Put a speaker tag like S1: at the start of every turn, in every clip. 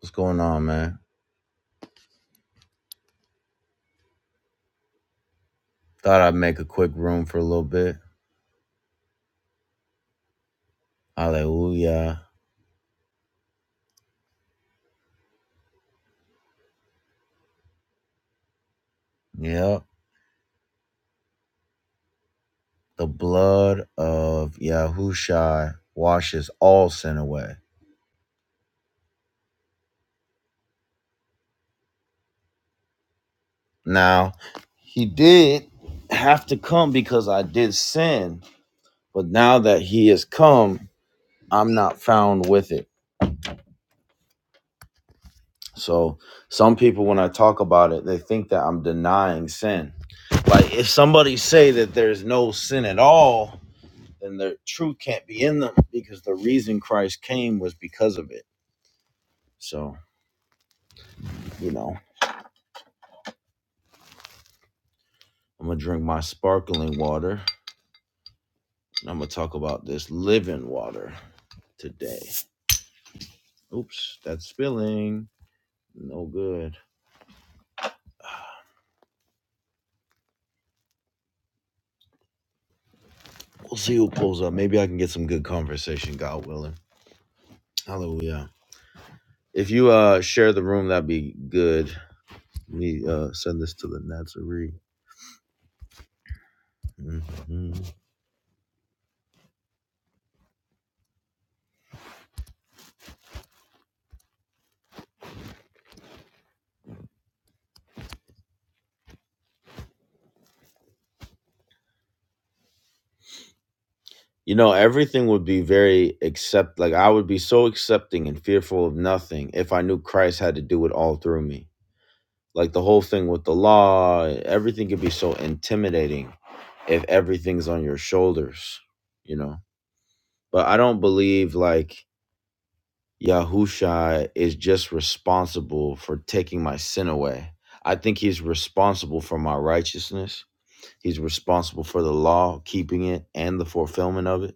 S1: What's going on, man? Thought I'd make a quick room for a little bit. Hallelujah. Yep. The blood of Yahushua washes all sin away. Now, he did have to come because I did sin, but now that he has come, I'm not found with it. So, some people when I talk about it, they think that I'm denying sin. Like if somebody say that there's no sin at all, then the truth can't be in them because the reason Christ came was because of it. So, you know, I'm going to drink my sparkling water and I'm going to talk about this living water today. Oops, that's spilling. No good. We'll see who pulls up. Maybe I can get some good conversation, God willing. Hallelujah. If you uh share the room, that'd be good. Let me uh send this to the Nazarene. Mm-hmm. You know, everything would be very accept like I would be so accepting and fearful of nothing if I knew Christ had to do it all through me. Like the whole thing with the law, everything could be so intimidating if everything's on your shoulders, you know. But I don't believe like Yahusha is just responsible for taking my sin away. I think he's responsible for my righteousness. He's responsible for the law, keeping it and the fulfillment of it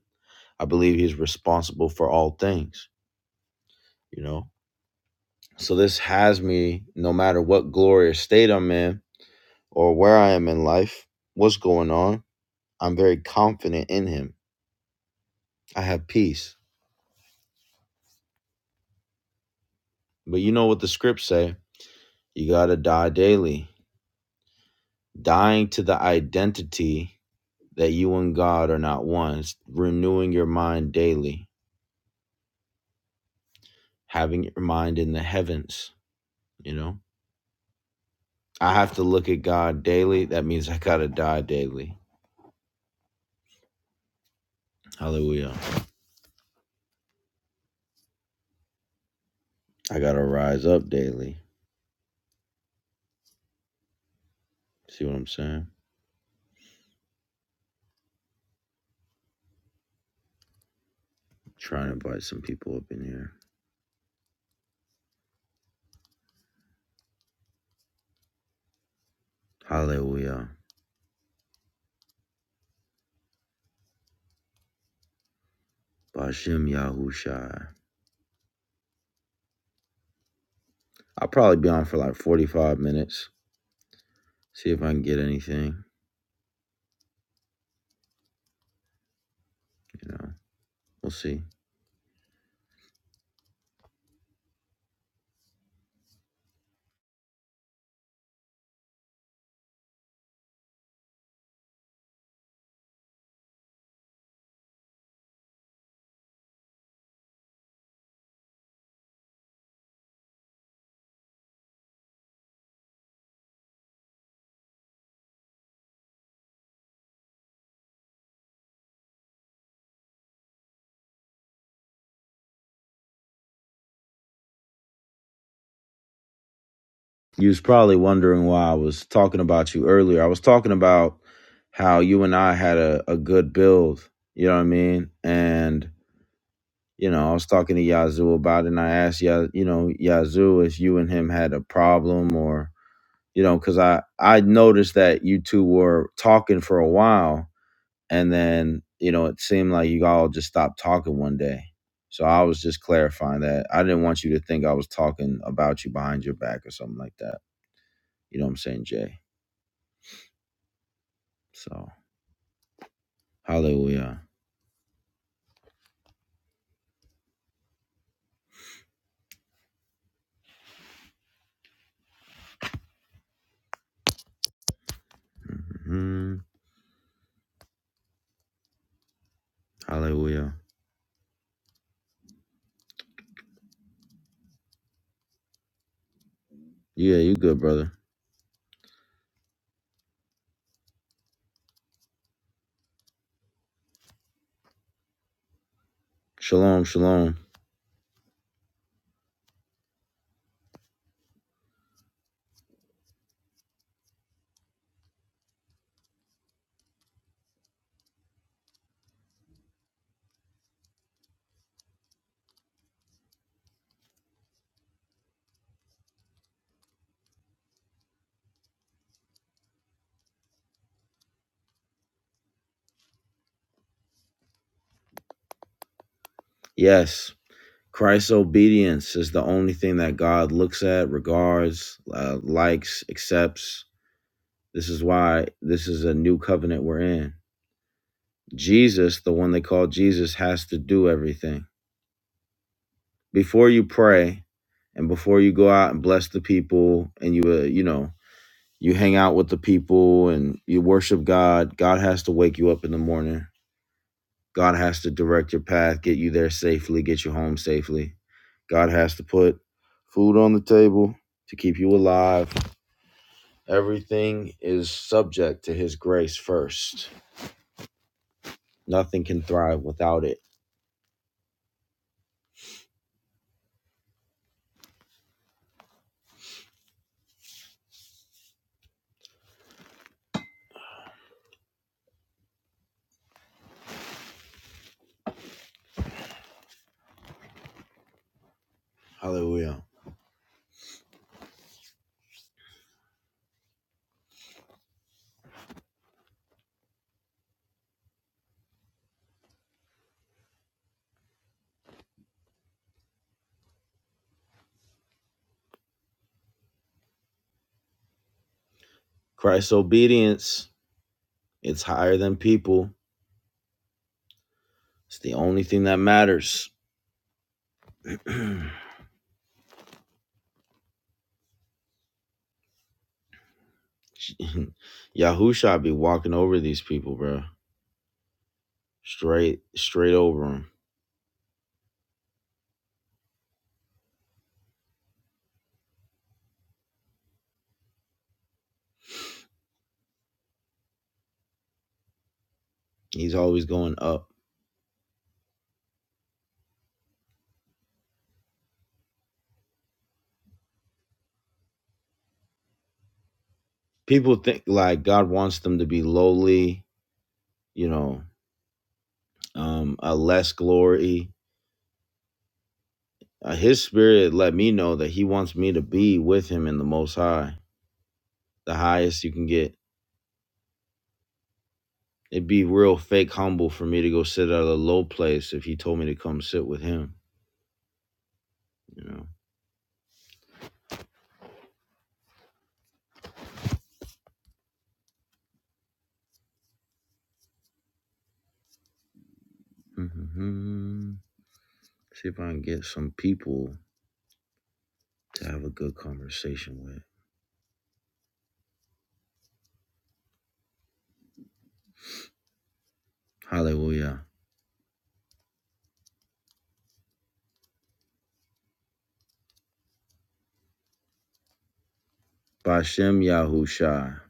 S1: I believe he's responsible for all things, you know? So this has me, no matter what glory or state I'm in or where I am in life, what's going on, I'm very confident in him. I have peace. But you know what the scripts say? You got to die daily. Dying to the identity that you and God are not one, It's renewing your mind daily, having your mind in the heavens, you know? I have to look at God daily. That means I got to die daily. Hallelujah. I gotta rise up daily. See what I'm saying? Try and invite some people up in here. Hallelujah. Bashim Yahushai. I'll probably be on for like 45 minutes. See if I can get anything. You know, we'll see. You was probably wondering why I was talking about you earlier. I was talking about how you and I had a, a good build. You know what I mean? And, you know, I was talking to Yazoo about it and I asked, Ya, you know, Yazoo if you and him had a problem or you know, because I I noticed that you two were talking for a while, and then you know it seemed like you all just stopped talking one day. So I was just clarifying that I didn't want you to think I was talking about you behind your back or something like that. You know what I'm saying, Jay? So hallelujah, hmm hallelujah. Yeah, you good, brother. Shalom, shalom. Yes, Christ's obedience is the only thing that God looks at, regards, uh, likes, accepts This is why this is a new covenant we're in. Jesus, the one they call Jesus, has to do everything. Before you pray and before you go out and bless the people and you, uh, you know, you hang out with the people and you worship God, God has to wake you up in the morning. God has to direct your path, get you there safely, get you home safely. God has to put food on the table to keep you alive. Everything is subject to his grace first. Nothing can thrive without it Hallelujah. Christ's obedience, it's higher than people. It's the only thing that matters. Yahusha be walking over these people, bro. Straight, straight over them. He's always going up. People think like God wants them to be lowly, you know, um, a less glory. Uh, his spirit let me know that he wants me to be with him in the most high, the highest you can get. It'd be real fake humble for me to go sit at a low place if he told me to come sit with him, you know. hmm See if I can get some people to have a good conversation with. Hallelujah. Bashem Yahusha.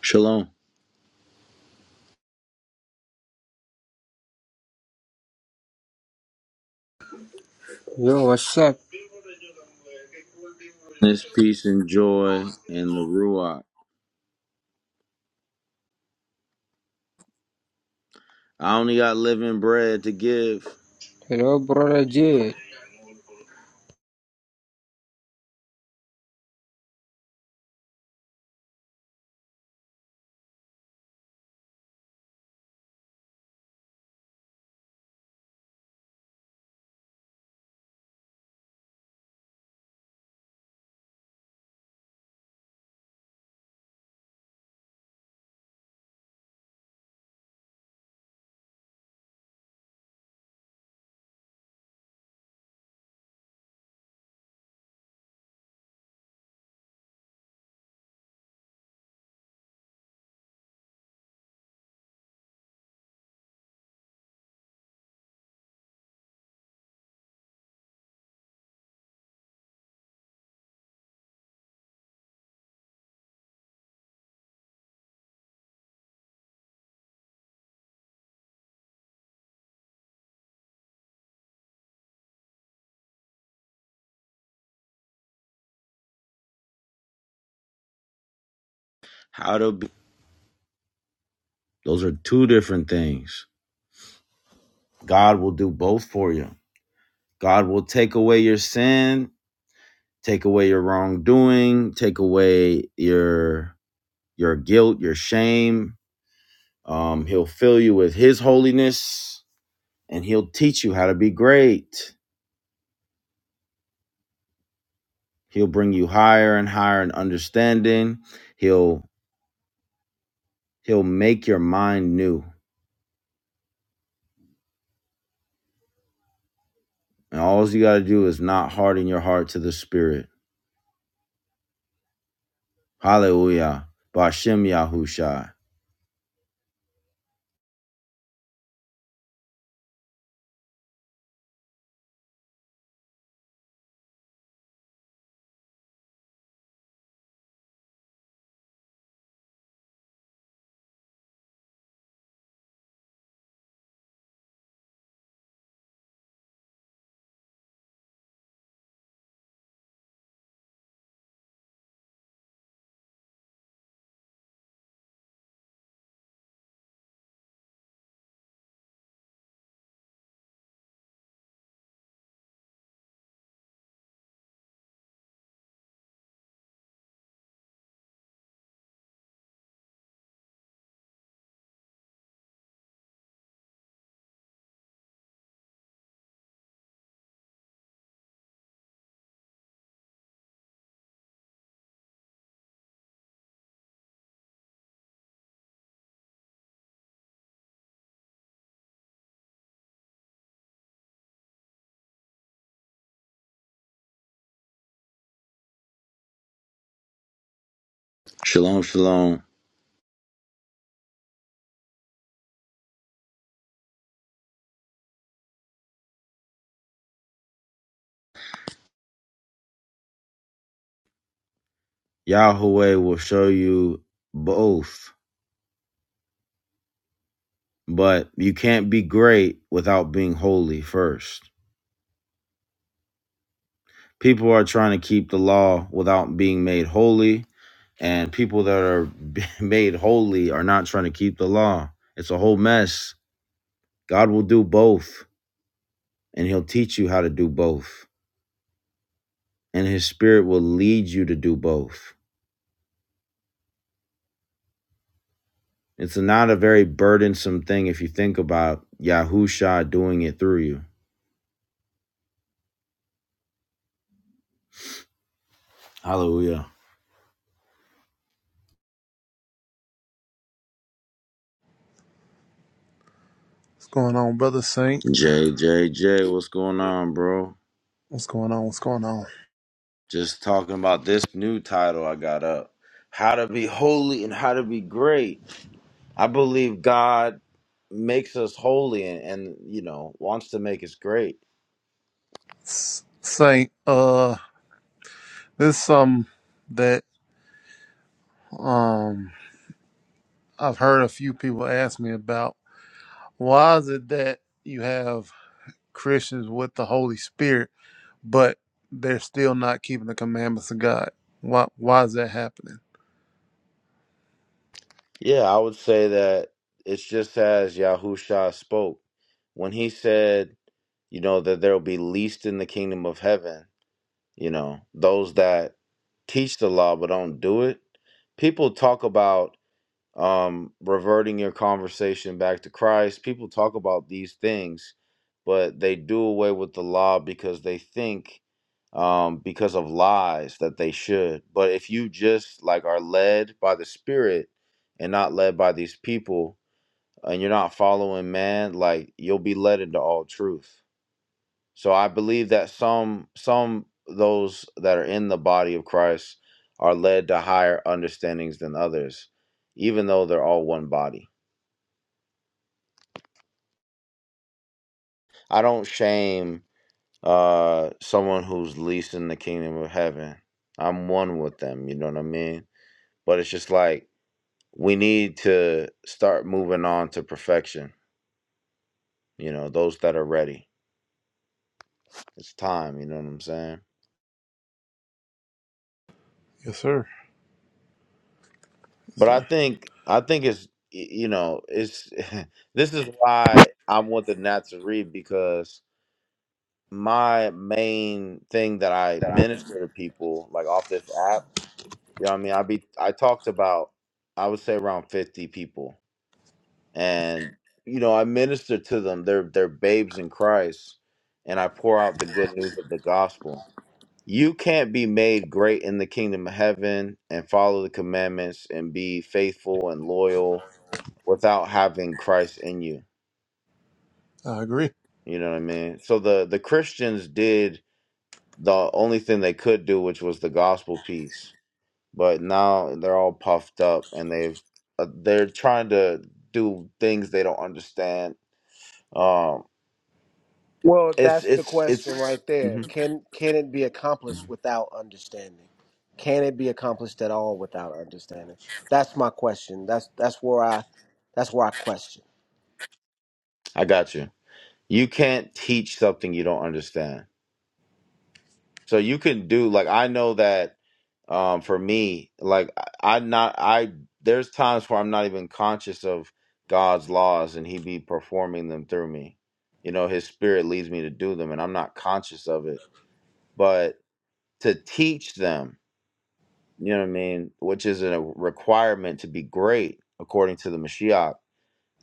S1: Shalom.
S2: Yo, what's up?
S1: This peace and joy and the Ruach. I only got living bread to give.
S2: Hello, brother J.
S1: How to be. Those are two different things. God will do both for you. God will take away your sin take away your wrongdoing, take away your your guilt, your shame. Um, he'll fill you with His holiness, and He'll teach you how to be great. He'll bring you higher and higher in understanding. He'll He'll make your mind new, and all you got to do is not harden your heart to the Spirit. Hallelujah, Bashem Yahushai. Shalom, shalom. Yahweh will show you both But you can't be great without being holy first. People are trying to keep the law without being made holy, and people that are made holy are not trying to keep the law. It's a whole mess. God will do both, and He'll teach you how to do both, and His Spirit will lead you to do both. It's not a very burdensome thing if you think about Yahusha doing it through you. Hallelujah.
S3: What's going on, brother Saint?
S1: J J J, what's going on, bro?
S3: What's going on? What's going on,
S1: Just talking about this new title I got up How to Be Holy and How to Be Great. I believe God makes us holy and, and you know, wants to make us great.
S3: S- Saint? Uh, this is something that um I've heard a few people ask me about. Why is it that you have Christians with the Holy Spirit, but they're still not keeping the commandments of God? Why? Why is that happening?
S1: Yeah, I would say that it's just as Yahusha spoke when he said, you know, that there will be least in the kingdom of heaven, you know, those that teach the law but don't do it. People talk about um, reverting your conversation back to Christ. People talk about these things, but they do away with the law because they think, um, because of lies, that they should. But if you just like are led by the Spirit and not led by these people, and you're not following man, like you'll be led into all truth. So I believe that some some those that are in the body of Christ are led to higher understandings than others, even though they're all one body. I don't shame uh someone who's least in the kingdom of heaven. I'm one with them, you know what I mean? But it's just like we need to start moving on to perfection, you know, those that are ready. It's time, you know what I'm saying?
S3: Yes, sir. Yes,
S1: But I
S3: sir.
S1: think I think it's y- you know it's this is why I want the Nat to read because my main thing that I minister to people like off this app, you know what I mean? I be I talked about I would say around 50 people and you know I minister to them. They're they're babes in Christ and I pour out the good news of the gospel. You can't be made great in the kingdom of heaven and follow the commandments and be faithful and loyal without having Christ in you.
S3: I agree.
S1: You know what I mean? So the the Christians did the only thing they could do, which was the gospel piece. But now they're all puffed up, and they've uh, they're trying to do things they don't understand. Um,
S4: Well,
S1: it's
S4: that's the
S1: it's it's.
S4: question right there.
S1: Mhm.
S4: Can can it be accomplished without understanding? Can it be accomplished at all without understanding? That's my question. That's that's where I that's where I question.
S1: I got you. You can't teach something you don't understand. So you can do like I know that um for me, like I, I not I there's times where I'm not even conscious of God's laws and he be performing them through me. You know, his spirit leads me to do them and I'm not conscious of it. But to teach them, you know what I mean, which is a requirement to be great according to the Mashiach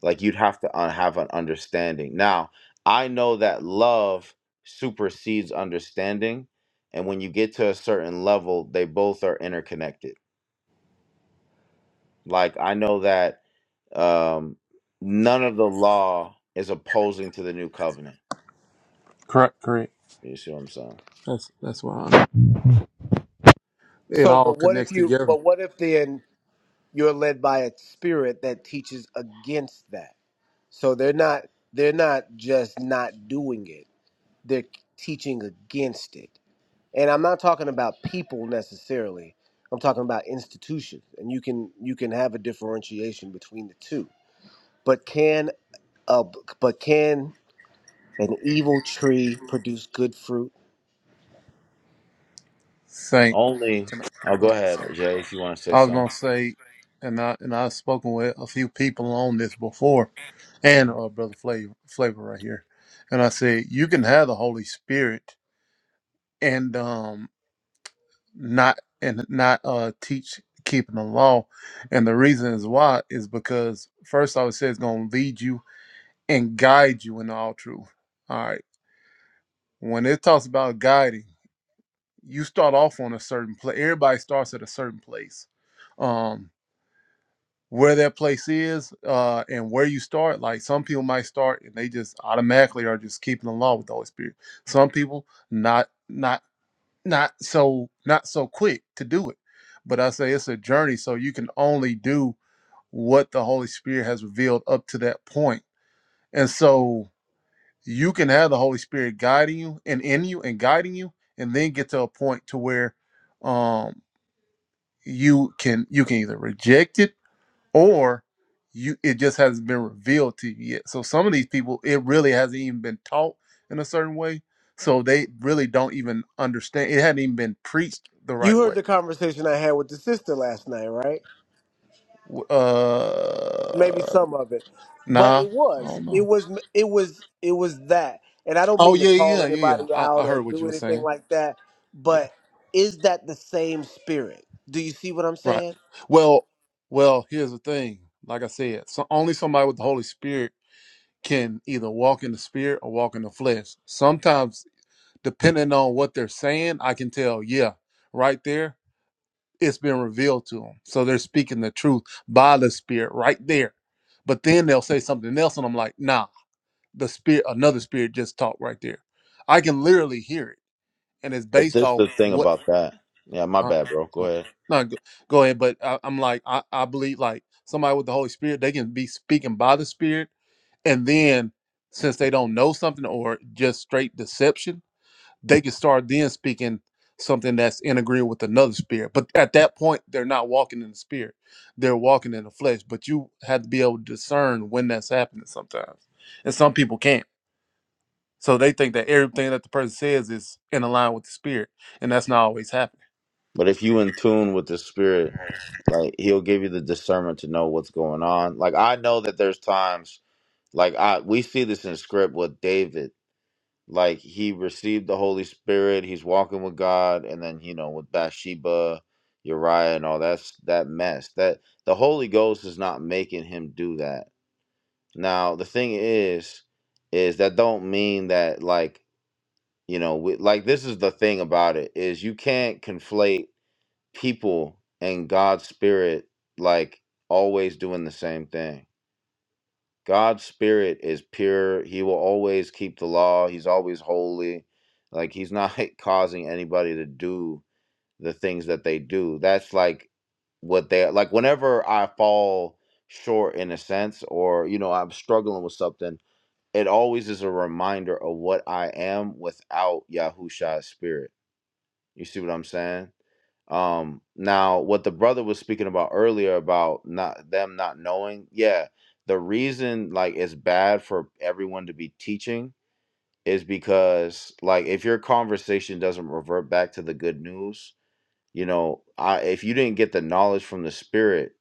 S1: like you'd have to uh, have an understanding. Now, I know that love supersedes understanding, and when you get to a certain level, they both are interconnected. Like I know that um, none of the law is opposing to the new covenant.
S3: Correct. Correct.
S1: You see what I'm saying?
S3: That's that's why I'm, it
S4: So,
S3: all
S4: but what if
S3: connects
S4: you
S3: together.
S4: but what if then you're led by a spirit that teaches against that? So they're not they're not just not doing it. They're teaching against it. and i'm not talking about people necessarily i'm talking about institutions and you can you can have a differentiation between the two but can a but can an evil tree produce good fruit
S3: Saint.
S1: Only.
S3: Can I,
S1: Oh, go
S3: oh,
S1: ahead,
S3: sorry.
S1: Jay, if you want to say
S3: I was gonna
S1: something.
S3: say, and I and I've spoken with a few people on this before, and
S1: Mhm.
S3: uh, brother Flavor, Flavor right here, and I said you can have the Holy Spirit and um not and not uh teach keeping the law, and the reason is why is because first I would say it's gonna lead you and guide you in all truth. All right, when it talks about guiding, you start off on a certain place. Everybody starts at a certain place. um. where their place is uh, and where you start. Like some people might start and they just automatically are just keeping the law with the Holy Spirit. Some people not not not so not so quick to do it. But I say it's a journey, so you can only do what the Holy Spirit has revealed up to that point. And so you can have the Holy Spirit guiding you and in you and guiding you, and then get to a point to where um you can you can either reject it or you it just hasn't been revealed to you yet. So some of these people, it really hasn't even been taught in a certain way. So they really don't even understand. It hadn't even been preached the
S4: you
S3: right
S4: heard
S3: way.
S4: the conversation i had with the sister last night right
S3: W-
S4: maybe
S3: Uh,
S4: some of it but
S3: nah,
S4: it
S3: I
S4: was
S3: don't
S4: it
S3: know.
S4: was it was it was that and i don't
S3: Oh
S4: mean to
S3: yeah,
S4: call
S3: yeah, yeah,
S4: anybody
S3: yeah. I,
S4: out
S3: I
S4: or
S3: heard what
S4: do
S3: you were
S4: anything
S3: saying.
S4: like that
S3: Yeah,
S4: but is that the same spirit do you see what i'm
S3: right.
S4: saying
S3: Well, well, here's the thing. Like I said, so only somebody with the Holy Spirit can either walk in the spirit or walk in the flesh. Sometimes depending on what they're saying, I can tell, yeah, right there, it's been revealed to them. So they're speaking the truth by the spirit right there. But then they'll say something else, and I'm like, nah, the spirit, another spirit just talked right there. I can literally hear it, and it's
S1: But
S3: based
S1: this
S3: on
S1: the thing
S3: what,
S1: about that. Yeah, my
S3: huh?
S1: bad, bro. Go
S3: Go,
S1: ahead.
S3: no, go, go ahead. But I, I'm like, I, I believe like somebody with the Holy Spirit, they can be speaking by the Spirit, and then since they don't know something or just straight deception they can start then speaking something that's in agreement with another spirit. But at that point, they're not walking in the spirit; they're walking in the flesh. But you have to be able to discern when that's happening sometimes, and some people can't. So they think that everything that the person says is in line with the spirit, and that's not always happening.
S1: But if you in tune with the spirit, like he'll give you the discernment to know what's going on. Like I know that there's times like I we see this in script with David. Like he received the Holy Spirit, he's walking with God, and then you know with Bathsheba, Uriah, and all that's that mess. That the Holy Ghost is not making him do that. Now the thing is, is that don't mean that like you know we, like this is the thing about it is you can't conflate people and God's spirit like always doing the same thing. God's spirit is pure. He will always keep the law. He's always holy. Like he's not causing anybody to do the things that they do. That's like what they like whenever I fall short in a sense or you know I'm struggling with something, it always is a reminder of what I am without Yahusha's spirit you see what I'm saying? Um, now, what the brother was speaking about earlier about not them not knowing, yeah, the reason like it's bad for everyone to be teaching is because like if your conversation doesn't revert back to the good news, you know, I if you didn't get the knowledge from the spirit,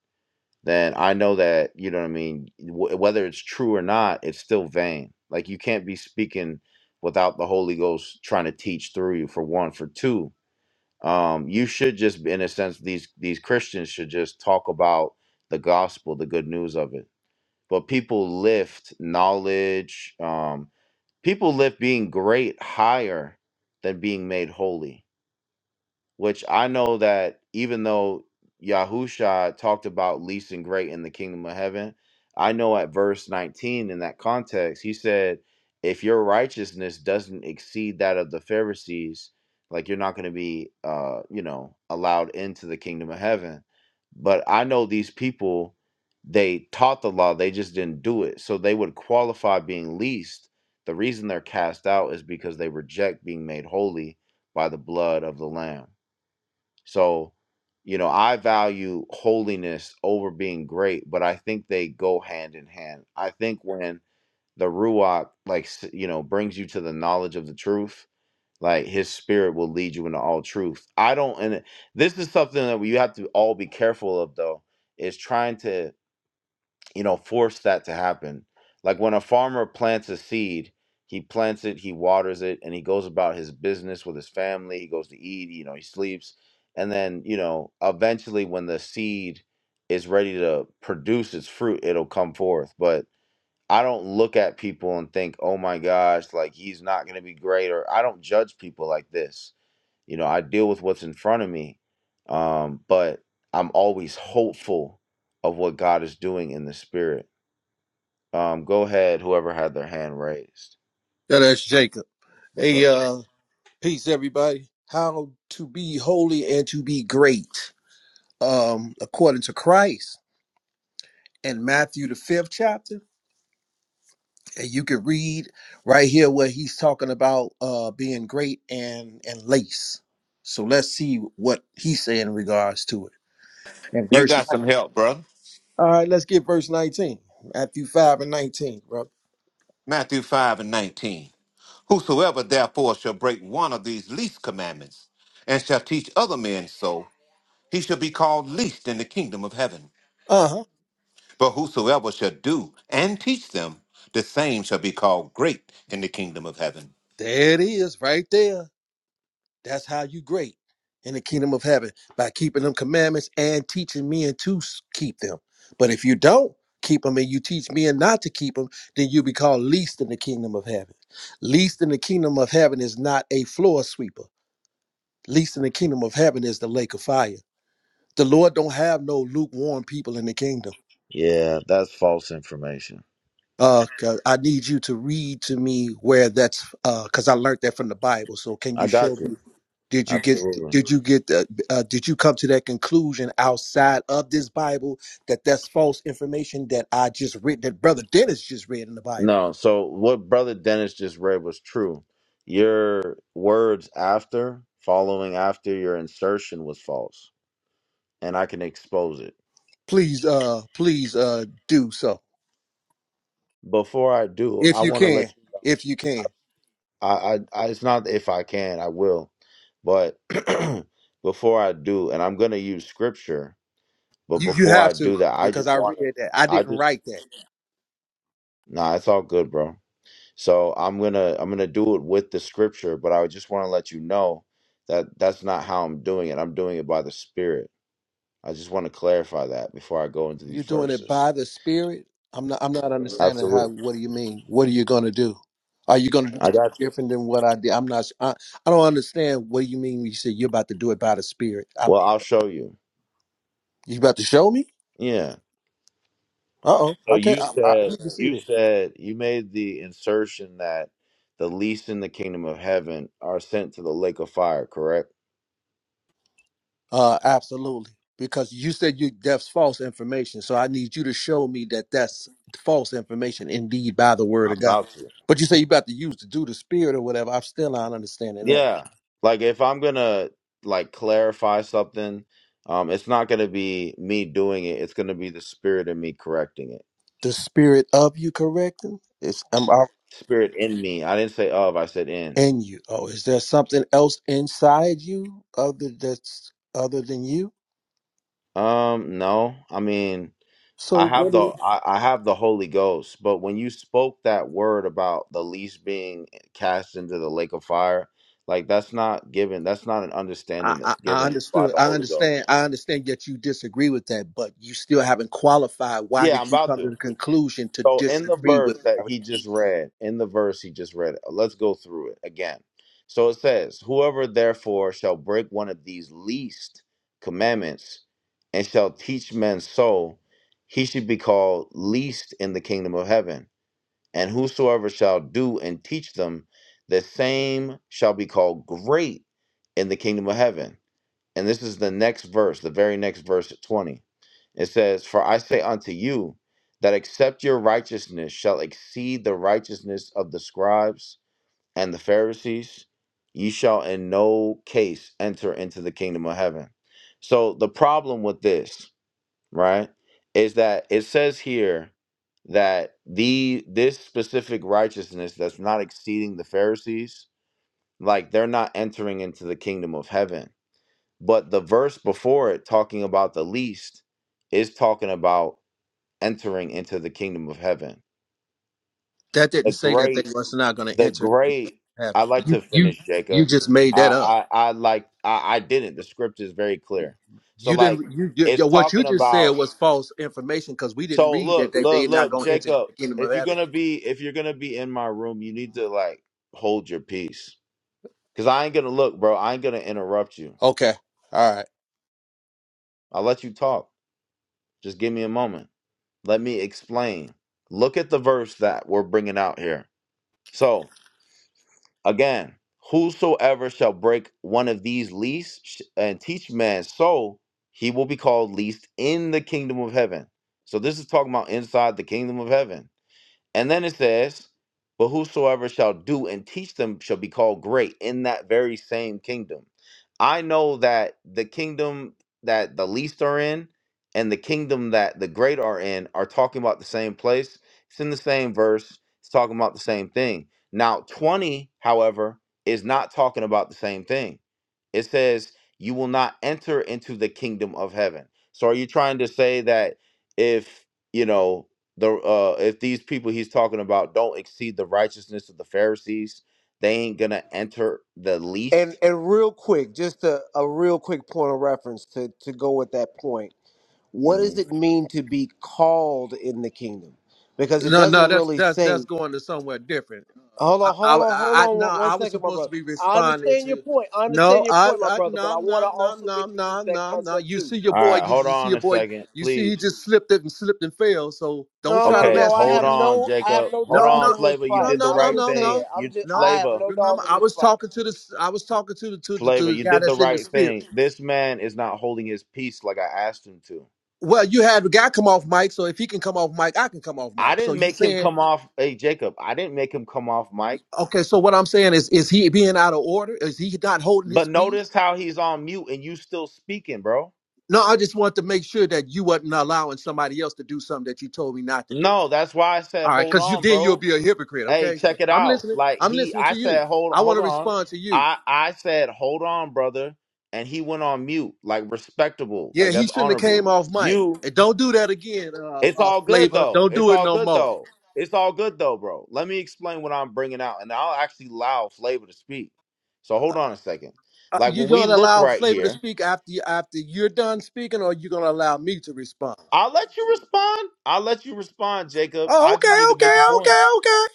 S1: then I know that you know what I mean. W- whether it's true or not, it's still vain. Like you can't be speaking without the Holy Ghost trying to teach through you. For one, for two, um, you should just in a sense these these christians should just talk about the gospel the good news of it but people lift knowledge um, people lift being great higher than being made holy which I know that even though Yahusha talked about least and great in the kingdom of heaven, I know at verse 19 in that context, he said, if your righteousness doesn't exceed that of the Pharisees, like you're not going to be, uh, you know, allowed into the kingdom of heaven. But I know these people, they taught the law, they just didn't do it. So they would qualify being least. The reason they're cast out is because they reject being made holy by the blood of the Lamb. So, you know, I value holiness over being great, but I think they go hand in hand. I think when the Ruach, like, s- you know, brings you to the knowledge of the truth, like his spirit will lead you into all truth. I don't, and it- this is something that we have to all be careful of, though, is trying to you know force that to happen like when a farmer plants a seed he plants it he waters it and he goes about his business with his family he goes to eat you know he sleeps and then you know eventually when the seed is ready to produce its fruit it'll come forth but i don't look at people and think oh my gosh like he's not going to be great or i don't judge people like this you know i deal with what's in front of me um but i'm always hopeful of what god is doing in the spirit um, go ahead, whoever had their hand raised.
S5: Yeah, that's Jacob.
S1: What's
S5: Hey,
S1: up?
S5: uh, peace, everybody. How to be holy and to be great, um, according to Christ in Matthew the fifth chapter. And you can read right here where he's talking about uh being great and and lace. So let's see what he's saying in regards to it. And
S6: You
S5: verse. nine.
S6: got some help, brother.
S5: All right, let's get verse nineteen, Matthew five and nineteen, brother.
S6: Matthew 5 and 19. Whosoever therefore shall break one of these least commandments and shall teach other men so, he shall be called least in the kingdom of heaven.
S5: Uh huh.
S6: But whosoever shall do and teach them, the same shall be called great in the kingdom of heaven.
S5: There it is, right there. That's how you great in the kingdom of heaven by keeping them commandments and teaching men to s- keep them. But if you don't keep them and you teach men not to keep them, then you be called least in the kingdom of heaven. Least in the kingdom of heaven is not a floor sweeper. Least in the kingdom of heaven is the lake of fire. The Lord don't have no lukewarm people in the kingdom.
S1: Yeah, that's false information.
S5: Uh, 'cause I need you to read to me where that's uh, cause I learned that from the Bible. So can you
S1: I
S5: show
S1: got
S5: me?
S1: you.
S5: Did you get
S1: Absolutely.
S5: did you get the, uh, did you come to that conclusion outside of this Bible that that's false information that I just read that brother Dennis just read in the Bible?
S1: No, so what Brother Dennis just read was true. Your words after, following after your insertion was false, and I can expose it.
S5: Please uh please uh do so
S1: Before I do,
S5: if
S1: I
S5: you
S1: want to let
S5: can
S1: you.
S5: if you can
S1: I, I, I, it's not if I can, I will. But before I do, and I'm going to use scripture, but
S5: you you
S1: before I
S5: have to
S1: do that, I
S5: because
S1: just
S5: I
S1: want to.
S5: read that I
S1: I
S5: didn't
S1: just
S5: write that
S1: Nah, it's all good, bro. So I'm gonna I'm gonna do it with the scripture, but I just want to let you know that that's not how I'm doing it. I'm doing it by the Spirit. I just want to clarify that before I go into these
S5: you're doing it
S1: verses.
S5: by the Spirit. I'm not I'm not understanding how
S1: Absolutely,
S5: what do you mean what are you gonna do? Are you gonna do
S1: I
S5: something
S1: got you.
S5: different than what I did? I'm not I, I don't understand what do you mean when you say you're about to do it by the Spirit. I
S1: Well, I'll show you.
S5: You about to show me?
S1: Yeah.
S5: Uh oh.
S1: So
S5: I can't.
S1: you
S5: I, I
S1: said
S5: need to see
S1: you
S5: that.
S1: said you made the insertion that the least in the kingdom of heaven are sent to the lake of fire. Correct?
S5: Uh, absolutely. Because you said you that's false information, so I need you to show me that that's false information indeed by the word
S1: I'm
S5: of God.
S1: about to.
S5: But you say you about to use to do the spirit or whatever. I'm still not understanding that.
S1: Yeah. Like if I'm gonna like clarify something, um, it's not gonna be me doing it. It's gonna be the spirit in me correcting it.
S5: The spirit of you correcting it's am I
S1: Spirit in me. I didn't say of, I said in.
S5: in you. Oh, is there something else inside you other that's other than you?
S1: Um, no. I mean,
S5: So
S1: I have
S5: what?
S1: the I, I have the Holy Ghost, but when you spoke that word about the least being cast into the lake of fire, like that's not given, that's not an
S5: I,
S1: understanding
S5: I,
S1: that's
S5: I
S1: given by
S5: understood.
S1: the
S5: I
S1: Holy Ghost.
S5: understand. I understand. Yet you disagree with that, but you still haven't qualified. Why
S1: Yeah, I'm
S5: did you
S1: about
S5: come
S1: to.
S5: to the conclusion to
S1: So in the
S5: disagree
S1: verse
S5: with it?
S1: that
S5: I mean,
S1: he just read, in the verse he just read, uh, let's go through it again. So it says, Whoever therefore shall break one of these least commandments and shall teach men so, he should be called least in the kingdom of heaven. And whosoever shall do and teach them, the same shall be called great in the kingdom of heaven. And this is the next verse, the very next verse at 20. It says, For I say unto you, that except your righteousness shall exceed the righteousness of the scribes and the Pharisees, ye shall in no case enter into the kingdom of heaven. So the problem with this, right, is that it says here that the this specific righteousness that's not exceeding the Pharisees, like they're not entering into the kingdom of heaven but the verse before it, talking about the least, is talking about entering into the kingdom of heaven.
S5: that
S1: The
S5: didn't say that they
S1: great,
S5: was not going to
S1: the
S5: enter
S1: great.
S5: heaven.
S1: I like
S5: You,
S1: to
S5: you,
S1: finish,
S5: you
S1: Jacob.
S5: just made
S1: I,
S5: that up.
S1: I, I like. I, I didn't. The script is very
S5: You,
S1: clear. So,
S5: you
S1: like,
S5: didn't. You, you, yo,
S1: it's
S5: what you
S1: talking
S5: just said
S1: about.
S5: was false information because we didn't
S1: So
S5: read that
S1: look,
S5: they they
S1: look,
S5: not
S1: look,
S5: going to enter
S1: Jacob.
S5: the kingdom of
S1: If you're
S5: heaven.
S1: gonna be, if you're gonna be in my room, you need to like hold your peace. Cause I ain't gonna look, bro. I ain't gonna interrupt you.
S5: Okay. All right.
S1: I'll let you talk. Just give me a moment. Let me explain. Look at the verse that we're bringing out here. So, again, whosoever shall break one of these least sh- and teach man so, he will be called least in the kingdom of heaven. So, this is talking about inside the kingdom of heaven. And then it says, But whosoever shall do and teach them shall be called great in that very same kingdom. I know that the kingdom that the least are in and the kingdom that the great are in are talking about the same place. It's in the same verse, it's talking about the same thing. Now, 20, however, is not talking about the same thing. It says, You will not enter into the kingdom of heaven. So are you trying to say that if, you know, the uh if these people he's talking about don't exceed the righteousness of the Pharisees, they ain't gonna enter the
S4: And
S1: least.
S4: and real quick, just a, a real quick point of reference to, to go with that point. What does
S1: Mhm.
S4: it mean to be called in the kingdom? Because it
S5: No,
S4: doesn't
S5: no, that's
S4: really
S5: that's
S4: say.
S5: that's going to somewhere different.
S4: Hold
S5: I,
S4: on,
S5: I,
S4: hold
S5: I
S4: on, hold on
S5: no,
S4: one, one
S5: I was
S4: second, my
S5: supposed to
S4: brother.
S5: be
S4: I
S5: responding
S4: understand your
S5: to.
S4: point. I
S5: No,
S4: understand your
S5: I,
S4: point, my
S5: I
S4: brother, but
S5: no,
S4: I want to
S5: no, no,
S4: also
S5: no,
S4: introduce
S5: no,
S4: that
S5: no, no.
S4: concept
S5: You
S4: too.
S5: see your
S1: All
S5: boy.
S1: right,
S5: You,
S1: hold
S5: you see
S1: on
S5: your
S1: a
S5: boy.
S1: second,
S5: You see he
S1: please.
S5: just slipped it and slipped and fell. So don't
S4: No,
S5: try to
S4: no,
S1: Okay,
S4: no. I
S5: rescue
S1: hold
S4: have
S5: him.
S1: on,
S4: no I have
S1: Jacob.
S4: no
S1: Hold
S5: No,
S4: dog
S1: on,
S5: no,
S4: in this
S1: Flavor. You
S5: no,
S4: fight.
S1: did the
S5: no,
S4: I'm
S5: no,
S1: right
S4: just
S5: no,
S1: thing.
S4: saying.
S5: no,
S4: I'm
S1: You
S4: just
S5: no.
S4: I have
S1: Flavor,
S4: no dog
S5: Remember,
S4: in
S5: I
S4: this
S5: was
S4: fight.
S5: talking to the. I was talking to the to the,
S1: Flavor,
S5: to the
S1: you
S5: guy
S1: did the
S5: that's in the
S1: right
S5: spirit.
S1: thing. This man is not holding his peace like I asked him to.
S5: Well, you had the guy come off mic, so if he can come off mic, I can come off
S1: I
S5: mic. So
S1: didn't
S5: you
S1: make him
S5: saying
S1: come off. Hey, Jacob, I didn't make him come off mic.
S5: okay? So what I'm saying is, is he being out of order? Is he not holding his
S1: But
S5: peace?
S1: notice how he's on mute and you still speaking, bro.
S5: No, I just want to make sure that you wasn't allowing somebody else to do something that you told me not to do.
S1: No, that's why I said
S5: All right,
S1: hold
S5: because you
S1: on,
S5: then you'll
S1: bro.
S5: be a hypocrite.
S1: hey,
S5: Okay, so
S1: check it
S5: I'm
S1: out.
S5: listening.
S1: Like
S5: I'm
S1: he,
S5: listening
S1: I
S5: to you.
S1: said, hold,
S5: I want
S1: hold
S5: to
S1: on.
S5: respond to you.
S1: I, I said, hold on, brother, and he went on mute. Like respectable.
S5: Yeah,
S1: Like
S5: he
S1: that's
S5: shouldn't have came
S1: honorable.
S5: off mic.
S1: You,
S5: And don't do that again, uh,
S1: it's
S5: uh,
S1: all good
S5: Flavor.
S1: though.
S5: Don't
S1: It's
S5: do it
S1: all
S5: no
S1: good
S5: more.
S1: though. It's all good though, bro. Let me explain what I'm bringing out, and I'll actually allow Flavor to speak. So hold on a second.
S5: Uh,
S1: Like
S5: you
S1: when we
S5: gonna
S1: look
S5: allow
S1: right
S5: Flavor to
S1: here,
S5: speak after you, after you're done speaking, or you gonna allow me to respond?
S1: I'll let you respond. I'll let you respond, Jacob.
S5: Oh,
S1: I just
S5: okay,
S1: need to make a
S5: okay,
S1: point.
S5: okay, okay.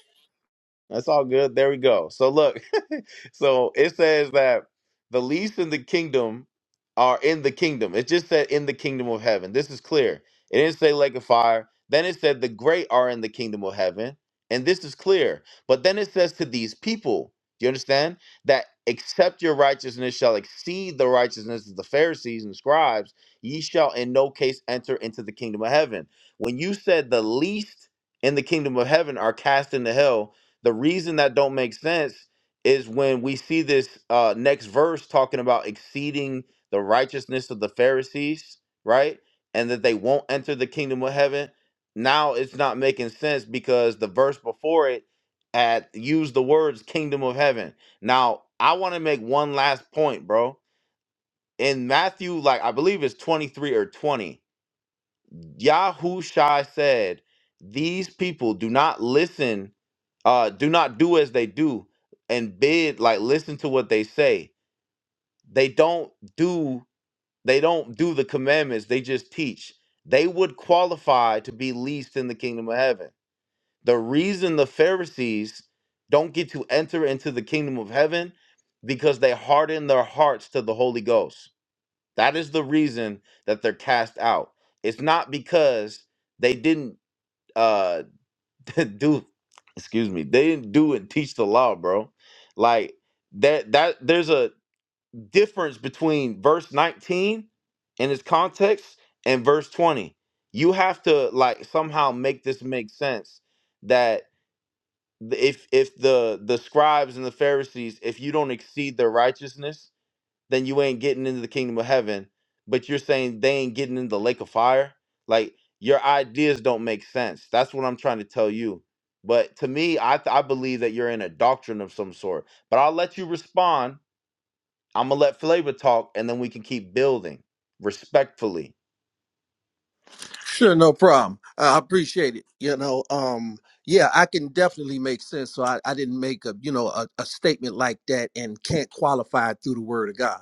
S1: That's all good. There we go. So look, so it says that the least in the kingdom are in the kingdom. It just said in the kingdom of heaven. This is clear. It didn't say lake of fire. Then it said the great are in the kingdom of heaven. And this is clear. But then it says to these people, do you understand? That except your righteousness shall exceed the righteousness of the Pharisees and scribes, ye shall in no case enter into the kingdom of heaven. When you said the least in the kingdom of heaven are cast into hell, the reason that don't make sense is when we see this uh, next verse talking about exceeding the righteousness of the Pharisees, right? And that they won't enter the kingdom of heaven. Now it's not making sense because the verse before it had used the words kingdom of heaven. Now, I want to make one last point, bro. In Matthew, like I believe it's 23 or 20, Yahushua said, These people do not listen, uh, do not do as they do, and bid, like listen to what they say. They don't do, they don't do the commandments, they just teach. They would qualify to be least in the kingdom of heaven. The reason the Pharisees don't get to enter into the kingdom of heaven because they harden their hearts to the Holy Ghost. That is the reason that they're cast out. It's not because they didn't uh do excuse me they didn't do and teach the law bro like that that there's a difference between verse 19 and its context and verse 20 you have to like somehow make this make sense that th- if if the the scribes and the pharisees if you don't exceed their righteousness then you ain't getting into the kingdom of heaven. But you're saying they ain't getting into the lake of fire? Like your ideas don't make sense. That's what I'm trying to tell you. But to me, I, th- I believe that you're in a doctrine of some sort. But I'll let you respond. I'm going to let Flavor talk and then we can keep building respectfully.
S5: Sure, no problem. Uh, I appreciate it. You know, um, yeah, I can definitely make sense. So I, I didn't make a, you know, a, a statement like that and can't qualify it through the word of God.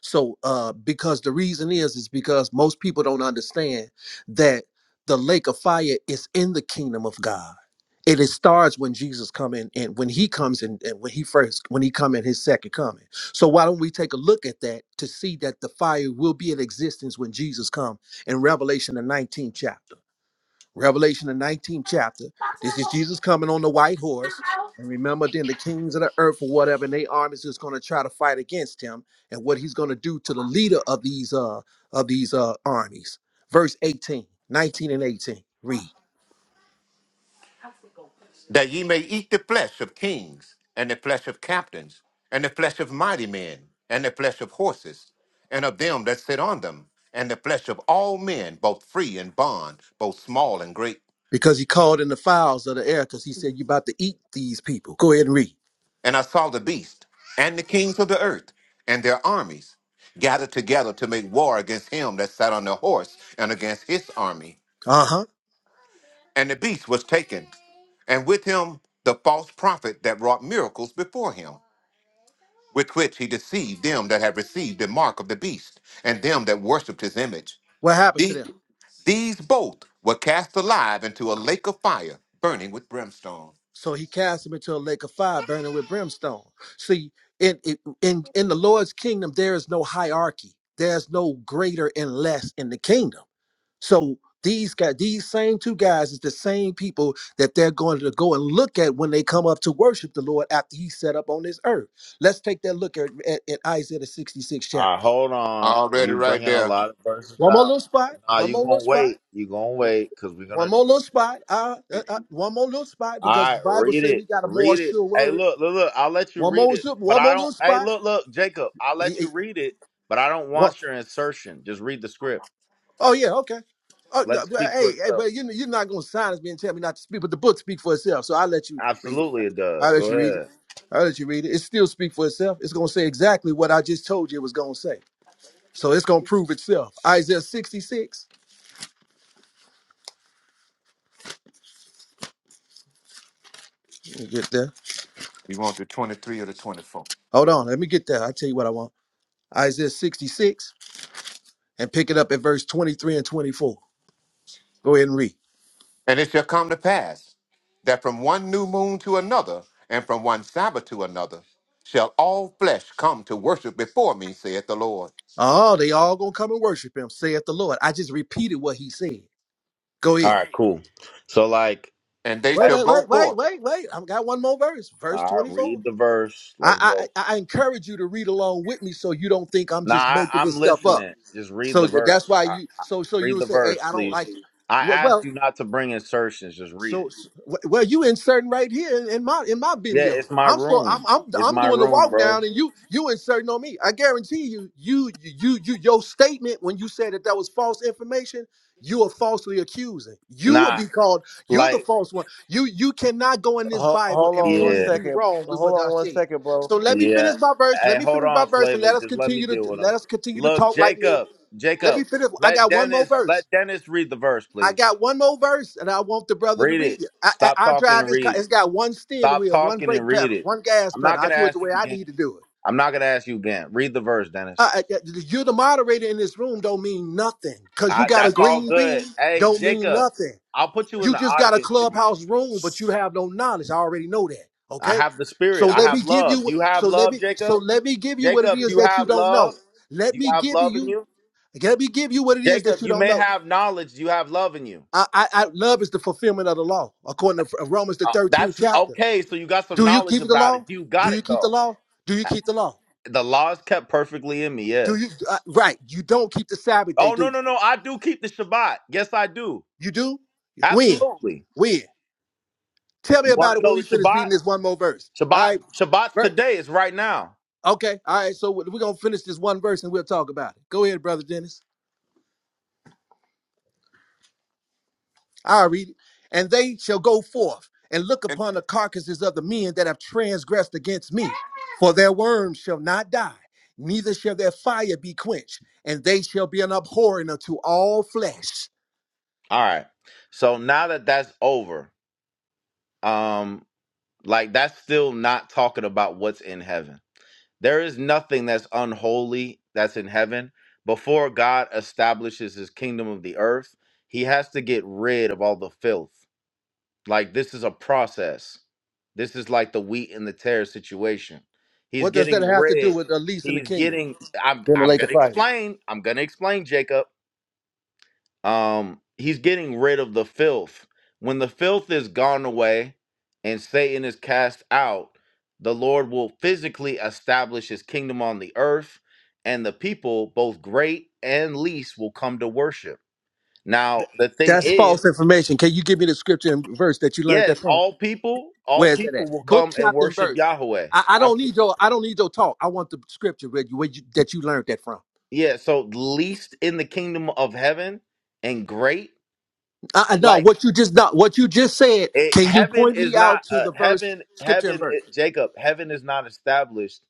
S5: So, uh, because the reason is, is because most people don't understand that the lake of fire is in the kingdom of God. And it starts when Jesus come in and when he comes in and when he first, when he come in his second coming. So why don't we take a look at that to see that the fire will be in existence when Jesus come in Revelation, the 19th chapter. Revelation, the 19th chapter. This is Jesus coming on the white horse. And remember, then the kings of the earth or whatever, and their armies is going to try to fight against him and what he's going to do to the leader of these uh of these uh armies. Verse eighteen, nineteen, and 18. Read.
S6: That ye may eat the flesh of kings, and the flesh of captains, and the flesh of mighty men, and the flesh of horses, and of them that sit on them, and the flesh of all men, both free and bond, both small and great
S5: Because he called in the fowls of the air, because he said, you about to eat these people. Go ahead and read.
S6: And I saw the beast and the kings of the earth and their armies gathered together to make war against him that sat on the horse and against his army.
S5: Uh-huh.
S6: And the beast was taken, and with him the false prophet that wrought miracles before him, with which he deceived them that had received the mark of the beast and them that worshipped his image.
S5: What happened to them?
S6: The- these both were cast alive into a lake of fire burning with brimstone.
S5: So he cast him into a lake of fire burning with brimstone. See, in in in the Lord's kingdom, there is no hierarchy. There's no greater and less in the kingdom. So these guys, these same two guys is the same people that they're going to go and look at when they come up to worship the Lord after he set up on this earth. Let's take that look at, at, at Isaiah the 66th
S1: All right,
S5: chapter.
S1: hold on.
S6: Already
S1: You
S6: right
S1: bringing a
S6: there.
S1: lot of verses
S5: One more
S1: out.
S5: little spot,
S1: Nah,
S5: one
S1: you
S5: more little
S1: going to
S5: spot.
S1: wait. you going to
S5: One
S1: wait because we're going to
S5: one more little
S1: address
S5: spot, uh, uh, uh, one more little spot,
S1: All
S5: because
S1: right,
S5: the Bible
S1: read
S5: say
S1: it.
S5: we got a more
S1: Read it.
S5: sure
S1: Hey,
S5: word
S1: look, look, look. I'll let you
S5: One
S1: read
S5: more,
S1: it,
S5: zip-
S1: but
S5: one
S1: I
S5: more
S1: don't.
S5: little
S1: Hey,
S5: spot.
S1: look, look, Jacob. I'll
S5: He-
S1: let you
S5: he-
S1: read it, but I don't
S5: one-
S1: want your insertion. Just read the script.
S5: Oh yeah, okay. Oh
S1: Let
S5: no,
S1: it
S5: well,
S1: speak for
S5: hey, hey,
S1: itself.
S5: well, you you're not gonna sign us me and tell me not to speak, but the book speak for itself. So I will let you read it.
S1: Absolutely, it
S5: I
S1: does.
S5: will let
S1: Go
S5: you read it.
S1: ahead.
S5: I will let you read it. It still speak for itself. It's gonna say exactly what I just told you it was gonna say. So it's gonna prove itself. Isaiah 66. Let me get there.
S6: You want the 23 or the 24?
S5: Hold on, let me get there. I'll tell you what I want. Isaiah 66 and pick it up at verse 23 and 24. Go ahead and read.
S6: And it shall come to pass that from one new moon to another, and from one Sabbath to another, shall all flesh come to worship before me, saith the Lord.
S5: Oh, they all gonna come and worship him, saith the Lord. I just repeated what he said. Go
S1: All
S5: ahead.
S1: right, cool. So, like,
S6: And they
S5: Wait,
S1: that,
S6: shall
S5: wait,
S6: go
S5: wait, wait,
S6: forth.
S5: wait, wait. I've got one more verse. Verse
S1: all right,
S5: 24.
S1: read the verse. Let's
S5: I,
S1: go.
S5: I I encourage you to read along with me so you don't think I'm
S1: Nah,
S5: just
S1: I,
S5: making
S1: I'm
S5: this stuff up.
S1: listening. Just read
S5: So
S1: the
S5: that's
S1: verse.
S5: why
S1: All right,
S5: you so so
S1: read
S5: you'll
S1: the
S5: say, Hey,
S1: verse,
S5: I don't
S1: please.
S5: like it.
S1: I
S5: Well,
S1: asked
S5: well
S1: you not to bring insertions. Just read
S5: so,
S1: it.
S5: so well, you inserting right here in my in my
S1: Yeah,
S5: video.
S1: it's my
S5: I'm for
S1: room.
S5: I'm I'm
S1: It's
S5: I'm
S1: my
S5: doing the
S1: room,
S5: walk
S1: bro.
S5: down, and you you inserting on me. I guarantee you, you you you your statement when you said that that was false information, you are falsely accusing. You will
S1: Nah,
S5: be called. You're the
S1: like,
S5: false one. You you cannot go in this
S4: Ho-
S5: Bible
S4: hold
S5: and
S4: on one
S1: yeah.
S5: prove me
S4: second.
S5: wrong with
S4: Hold
S5: what
S4: on
S5: I
S4: one
S5: said.
S4: second, bro.
S5: So let me
S1: Yeah.
S5: finish my verse. Let
S1: Hey,
S5: me
S1: hold
S5: finish my
S1: on,
S5: verse, and
S1: Flavor.
S5: let us
S1: Just let me
S5: continue to
S1: deal with
S5: let
S1: him.
S5: us continue to
S1: Look,
S5: talk like men.
S1: Jacob,
S5: Let me
S1: Jacob,
S5: finish. I
S1: let
S5: got one more
S1: Dennis
S5: verse.
S1: let Dennis read the verse,
S5: I
S1: please.
S5: got one more verse, and I want the brother to
S1: Read
S5: read
S1: it.
S5: it. I, I,
S1: Stop
S5: I
S1: talking
S5: drive
S1: and
S5: this car;
S1: read
S5: it's
S1: it.
S5: got one steering
S1: Stop
S5: wheel, one
S1: talking and
S5: brake
S1: read
S5: pedal,
S1: it.
S5: one gas
S1: I'm
S5: pedal.
S1: not
S5: I
S1: gonna
S5: do it the
S1: ask you
S5: way I
S1: again.
S5: need to do it.
S1: I'm not gonna ask you again. Read the verse, Dennis.
S5: Uh, uh, uh, you're the moderator in this room. Don't mean nothing because you
S1: I,
S5: got a
S1: that's all
S5: green bean.
S1: good. Hey,
S5: Don't mean
S1: Jacob,
S5: nothing.
S1: I'll put you in
S5: You
S1: the
S5: just got a
S1: audience if you
S5: clubhouse room, but you have no knowledge. I already know that.
S1: I
S5: Okay,
S1: have the
S5: so
S1: spirit. I
S5: let me
S1: have
S5: give
S1: love. Do
S5: you.
S1: you have
S5: So let
S1: love,
S5: me. So
S1: Jacob?
S5: let me give you what it
S1: Jacob, do
S5: is
S1: you
S5: that you
S1: have
S5: don't know.
S1: love? Do
S5: Let
S1: you
S5: me
S1: have
S5: give
S1: love in
S5: you.
S1: you?
S5: Let me give you what it is that
S1: Jacob,
S5: you
S1: you
S5: don't
S1: may
S5: know.
S1: have knowledge. Do you have love in you?
S5: I, I, I love is the fulfillment of the law, according to Romans the
S1: Uh,
S5: 13th
S1: that's
S5: chapter.
S1: okay. So you got some
S5: Do you
S1: knowledge
S5: keep the
S1: about it.
S5: law?
S1: You
S5: Do
S1: got
S5: you
S1: it
S5: keep the
S1: though.
S5: law? Do you
S1: Uh,
S5: keep the law?
S1: The law is kept perfectly in me.
S5: Do you
S1: Yes.
S5: uh, right? You don't keep the Sabbath day,
S1: Oh
S5: do
S1: no
S5: you?
S1: no no! I do keep the Shabbat. Yes, I do.
S5: You do. When?
S1: Absolutely.
S5: When? Tell me
S1: You want
S5: about
S1: to
S5: it when
S1: know
S5: we
S1: the
S5: finish
S1: Shabbat?
S5: reading this one more verse. All
S1: Shabbat
S5: right.
S1: Shabbat's
S5: Ver-
S1: today. It's right now.
S5: okay. All right. So we're gonna finish this one verse and we'll talk about it. Go ahead, brother Dennis. I'll read it. And they shall go forth and look
S6: And,
S5: upon the carcasses of the men that have transgressed against me, for their worms shall not die, neither shall their fire be quenched, and they shall be an abhorring unto all flesh.
S1: All right. So now that that's over, um, like that's still not talking about what's in heaven. There is nothing that's unholy that's in heaven. Before God establishes His kingdom of the earth, He has to get rid of all the filth. Like this is a process. This is like the wheat and the tear situation. He's
S5: What does that
S1: getting
S5: have to do
S1: rid.
S5: with the least in the
S1: He's
S5: kingdom?
S1: getting I'm
S5: Then the
S1: I'm
S5: lake of
S1: gonna
S5: fire.
S1: explain. I'm gonna explain, Jacob. Um, he's getting rid of the filth. When the filth is gone away and Satan is cast out, the Lord will physically establish his kingdom on the earth, and the people, both great and least, will come to worship. Now, the thing
S5: That's
S1: is,
S5: false information. Can you give me the scripture and verse that you learned that
S1: Yes,
S5: from?
S1: all people, all
S5: Where's that
S1: people
S5: at?
S1: will
S5: Book,
S1: come and
S5: chapter, and verse.
S1: worship Yahweh.
S5: I, I
S1: I,
S5: don't need your I don't need your talk. I want the scripture where you, where you that you learned that from.
S1: yeah, so least in the kingdom of heaven and great,
S5: Uh, uh, no,
S1: like
S5: what you just not what you just said.
S1: it,
S5: Can you
S1: heaven
S5: point
S1: is
S5: me out
S1: not
S5: to
S1: uh,
S5: the verse,
S1: heaven.
S5: scripture and
S1: Heaven,
S5: verse?
S1: it, Jacob, heaven is not established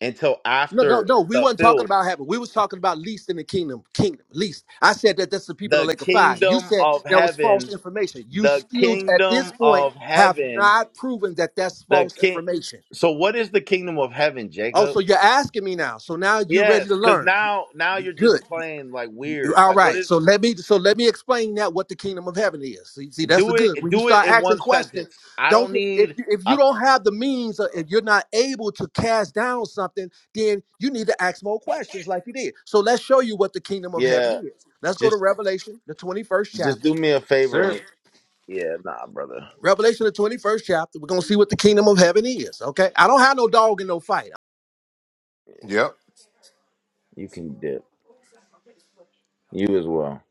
S1: until
S5: No, no,
S1: after
S5: no. We
S1: the
S5: wasn't talking
S1: filth.
S5: about heaven. We was talking about least in the kingdom. Kingdom, least. I said that that's the people in the
S1: The
S5: lake of fire. You
S1: kingdom
S5: said
S1: of
S5: that was false
S1: heaven,
S5: information. You
S1: the
S5: still, at this
S1: kingdom
S5: point,
S1: of
S5: have
S1: heaven,
S5: not proven that that's
S1: the
S5: false
S1: king.
S5: information.
S1: So, what is the kingdom of heaven,
S5: Oh,
S1: Jacob?
S5: so you're asking me now. So now you're ready
S1: Yes,
S5: to
S1: because
S5: learn.
S1: now, now
S5: You-
S1: you're just
S5: Good.
S1: playing like
S5: You-
S1: weird.
S5: All
S1: Like, what is?
S5: right. So let me so let me explain that what the kingdom of heaven is. See, see that's the
S1: Do
S5: good.
S1: it.
S5: When you
S1: Do it
S5: start
S1: in
S5: asking
S1: one
S5: questions,
S1: sentence. I
S5: don't
S1: don't
S5: if
S1: need.
S5: you if you
S1: A,
S5: don't have the means or if you're not able to cast down something, then you need to ask more questions like you did. So let's show you what the kingdom of heaven
S1: yeah,
S5: is. Let's go to
S1: just
S5: Revelation, the 21st
S1: just
S5: chapter.
S1: do me a favor.
S6: Sir.
S1: And, yeah, nah, brother.
S5: Revelation the 21st chapter. We're gonna see what the kingdom of heaven is. Okay. I don't have no dog in no fight.
S6: Yep.
S1: You can dip. You as well.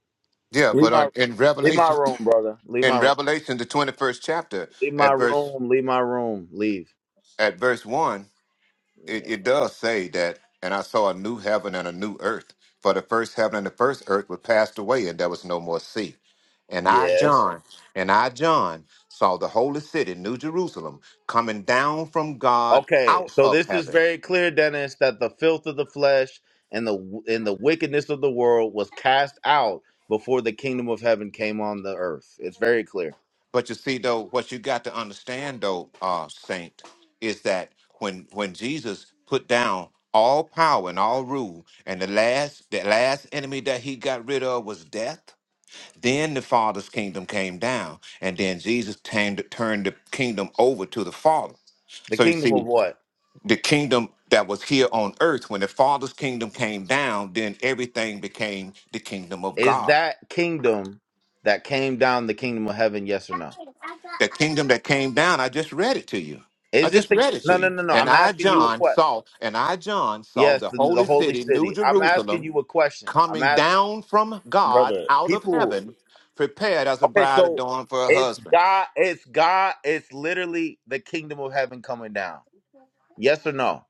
S6: Yeah,
S1: Leave
S6: but
S1: my
S6: on, in
S1: leave my
S6: Revelation,
S1: room, brother. Leave
S6: in
S1: my room.
S6: Revelation, the twenty-first chapter,
S1: Leave my
S6: at verse
S1: room. Leave my room. Leave.
S6: at verse one, it,
S1: Yeah.
S6: it does say that, and I saw a new heaven and a new earth. For the first heaven and the first earth were passed away, and there was no more sea. And I,
S1: Yes.
S6: John, and I, John, saw the holy city, New Jerusalem, coming down from God
S1: Okay,
S6: out
S1: so
S6: of
S1: this is
S6: heaven.
S1: very clear, Dennis, that the filth of the flesh and the and the wickedness of the world was cast out before the kingdom of heaven came on the earth. It's very clear.
S6: But you see, though, what you got to understand, though, uh, Saint, is that when when Jesus put down all power and all rule, and the last the last enemy that he got rid of was death Then the Father's kingdom came down, and then Jesus turned, turned the kingdom over to the Father.
S1: The
S6: So you
S1: kingdom of
S6: see,
S1: what?
S6: the kingdom that was here on earth, when the Father's kingdom came down, then everything became the kingdom of
S1: is
S6: God.
S1: that kingdom that came down the kingdom of heaven yes or no
S6: The kingdom that came down, I just read it to you. I
S1: is it
S6: just
S1: the
S6: read it
S1: no
S6: to
S1: no
S6: you.
S1: no no
S6: And
S1: i'm
S6: I,
S1: asking you a
S6: John,
S1: question
S6: saw, and I, John, saw
S1: yes
S6: the
S1: the, the
S6: holy
S1: holy
S6: city, New
S1: city i'm asking
S6: Jerusalem,
S1: you a question i'm
S6: coming
S1: asking
S6: down from God
S1: brother
S6: out of
S1: people
S6: heaven, prepared as a
S1: okay
S6: bride
S1: so
S6: adorned for her
S1: it's
S6: husband.
S1: god it's god it's literally the kingdom of heaven coming down yes or no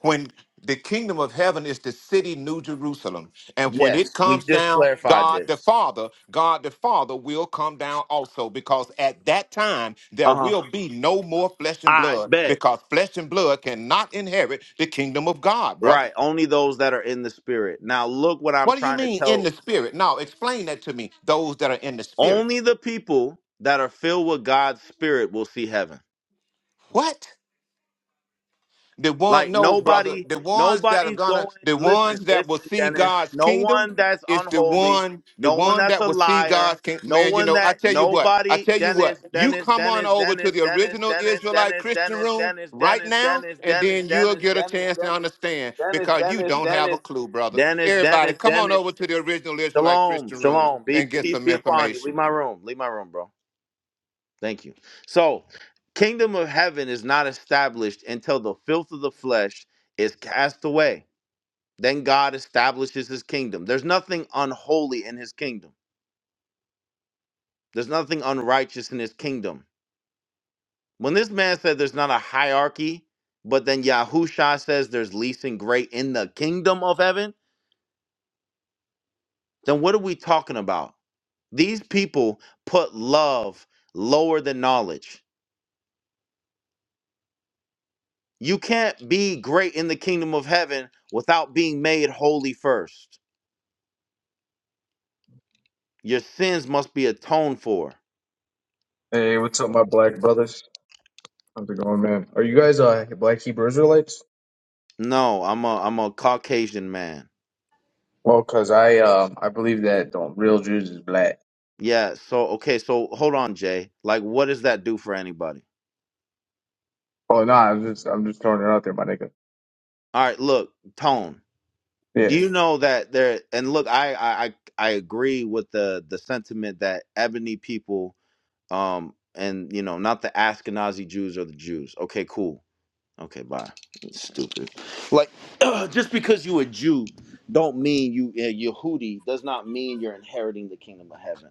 S6: when the kingdom of heaven is the city new jerusalem and when it
S1: yes we
S6: comes
S1: just
S6: down
S1: clarified
S6: god the
S1: this
S6: father god the father will come down also because at that time there
S1: uh-huh
S6: will be no more flesh and
S1: i
S6: blood
S1: bet
S6: because flesh and blood cannot inherit the kingdom of god brother
S1: right only those that are in the spirit now look what i'm
S6: what do you
S1: trying to
S6: mean
S1: tell
S6: in the spirit now explain that to me those that are in the spirit
S1: only the people that are filled with God's spirit will see heaven.
S6: what The one,
S1: Like
S6: no, brother.
S1: nobody,
S6: The ones that are
S1: nobody's going.
S6: gonna, the ones
S1: Listen,
S6: that will
S1: listen,
S6: see
S1: Dennis.
S6: God's
S1: No
S6: kingdom,
S1: one that's
S6: it's the
S1: unholy,
S6: one, the
S1: no one
S6: one
S1: that's
S6: that
S1: a
S6: will see
S1: liar,
S6: God's kingdom.
S1: no
S6: Man, you
S1: one
S6: know, I
S1: that
S6: tell you what, I
S1: nobody.
S6: tell you
S1: Dennis,
S6: what. You
S1: Dennis,
S6: come on
S1: Dennis,
S6: over to
S1: Dennis,
S6: the
S1: Dennis,
S6: original
S1: Dennis,
S6: Israelite
S1: Dennis,
S6: Christian
S1: Dennis,
S6: room
S1: Dennis,
S6: right
S1: Dennis,
S6: now,
S1: Dennis,
S6: and
S1: Dennis, Dennis,
S6: then you'll
S1: Dennis,
S6: get a
S1: Dennis,
S6: chance to understand
S1: Dennis,
S6: because you
S1: Dennis,
S6: don't have a
S1: Dennis,
S6: clue, brother.
S1: Dennis,
S6: Everybody,
S1: Dennis,
S6: come on
S1: Dennis.
S6: over to the original Israelite
S1: Shalom,
S6: Christian room
S1: shalom. Be
S6: and get
S1: peace
S6: some
S1: be upon you.
S6: information.
S1: Leave my room. Leave my room, bro. Thank you. So, kingdom of heaven is not established until the filth of the flesh is cast away. Then God establishes his kingdom. There's nothing unholy in his kingdom. There's nothing unrighteous in his kingdom. When this man said there's not a hierarchy, but then Yahusha says there's least and great in the kingdom of heaven, then what are we talking about? These people put love lower than knowledge You can't be great in the kingdom of heaven without being made holy first. Your sins must be atoned for.
S7: Hey, what's up, my black brothers? How's it going, man? Are you guys uh black Hebrew Israelites?
S1: No, I'm a I'm a Caucasian man.
S7: Well, cause I um I believe that um, real Jews is black.
S1: Yeah, so okay, so hold on, Jay. Like what does that do for anybody?
S7: Oh, no, nah, I'm just I'm just throwing it out there, my nigga.
S1: All right, look, tone.
S7: Yeah.
S1: Do you know that there and look, I I I I agree with the the sentiment that ebony people um and you know, not the Ashkenazi Jews or the Jews. Okay, cool Okay, bye. It's stupid. Like, just because you a Jew, don't mean you uh, Yehudi does not mean you're inheriting the kingdom of heaven.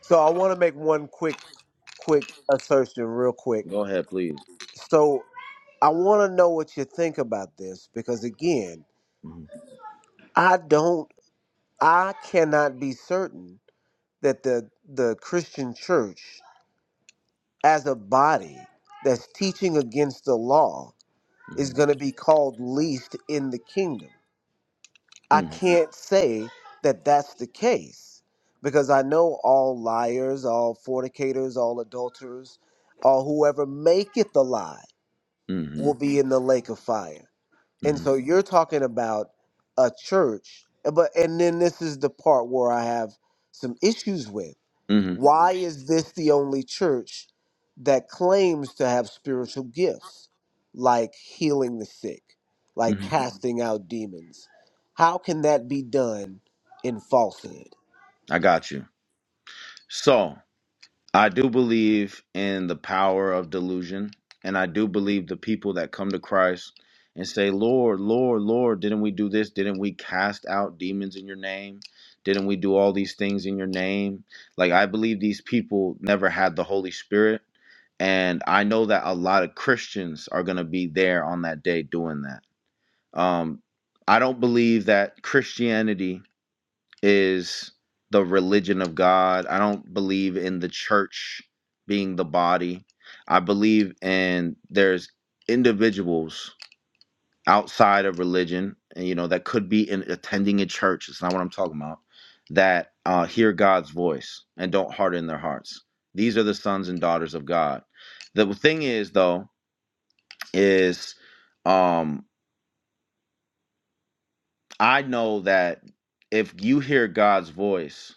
S4: So I want to make one quick quick assertion, real quick.
S1: Go ahead, please.
S4: So I want to know what you think about this because again,
S1: Mm-hmm,
S4: I don't, I cannot be certain that the the Christian Church as a body that's teaching against the law is going
S1: mm-hmm,
S4: to be called least in the kingdom. I can't say that that's the case because I know all liars, all fornicators, all adulterers, all whoever maketh a lie
S1: mm-hmm,
S4: will be in the lake of fire. And
S1: mm-hmm,
S4: so you're talking about a church, but and then this is the part where I have some issues with.
S1: mm-hmm,
S4: Why is this the only church that claims to have spiritual gifts like healing the sick, like
S1: mm-hmm.
S4: casting out demons? How can that be done in falsehood?
S1: I got you. So. I do believe in the power of delusion, and I do believe the people that come to Christ and say, "Lord, Lord, Lord, didn't we do this? Didn't we cast out demons in your name? Didn't we do all these things in your name?" Like I believe these people never had the Holy Spirit, and I know that a lot of Christians are going to be there on that day doing that. Um I don't believe that Christianity is the religion of God. I don't believe in the church being the body. I believe in there's individuals outside of religion, and you know that could be in attending a church. It's not what I'm talking about. That uh, hear God's voice and don't harden their hearts. These are the sons and daughters of God. The thing is, though, is um, I know that if you hear God's voice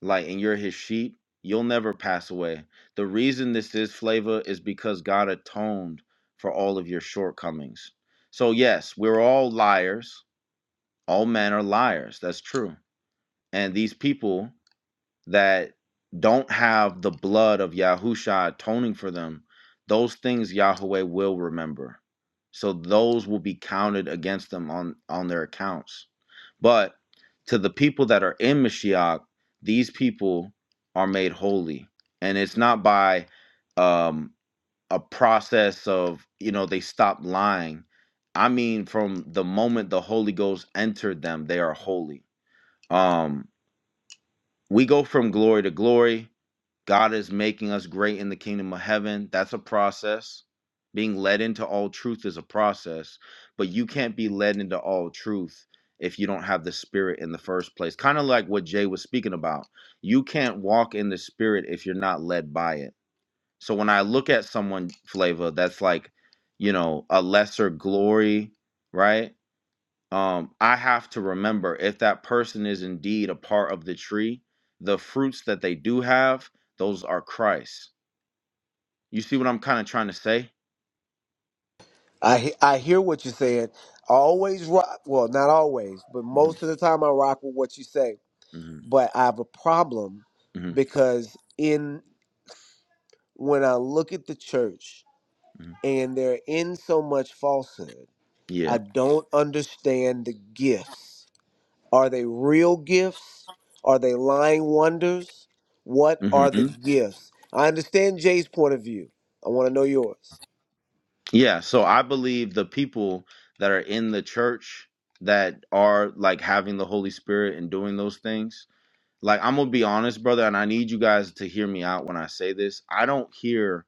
S1: like and you're his sheep, you'll never pass away. The reason this is flavor is because God atoned for all of your shortcomings. So yes, we're all liars. All men are liars. That's true. And these people that don't have the blood of Yahusha atoning for them, those things Yahweh will remember. So those will be counted against them on on their accounts. But to the people that are in Mashiach, these people are made holy. And it's not by um, a process of, you know, they stop lying. I mean, from the moment the Holy Ghost entered them, they are holy. Um, we go from glory to glory. God is making us great in the kingdom of heaven. That's a process. Being led into all truth is a process, but you can't be led into all truth if you don't have the spirit in the first place. Kind of like what Jay was speaking about. You can't walk in the spirit if you're not led by it. So when I look at someone flavor that's like, you know, a lesser glory, right? um, I have to remember if that person is indeed a part of the tree, the fruits that they do have, those are Christ. You see what I'm kind of trying to say?
S4: I he- I hear what you're saying. I always rock, well, not always, but
S1: hmm
S4: most of the time I rock with what you say,
S1: hmm
S4: but I have a problem
S1: hmm
S4: because in when I look at the church
S1: hmm
S4: and they're in so much falsehood, I
S1: Yeah.
S4: don't understand the gifts. Are they real gifts? Are they lying wonders? What are the
S1: hmm
S4: gifts? I understand Jay's point of view. I want to know yours.
S1: Yeah. So I believe the people that are in the church that are like having the Holy Spirit and doing those things. Like I'm gonna be honest, brother, and I need you guys to hear me out when I say this. I don't hear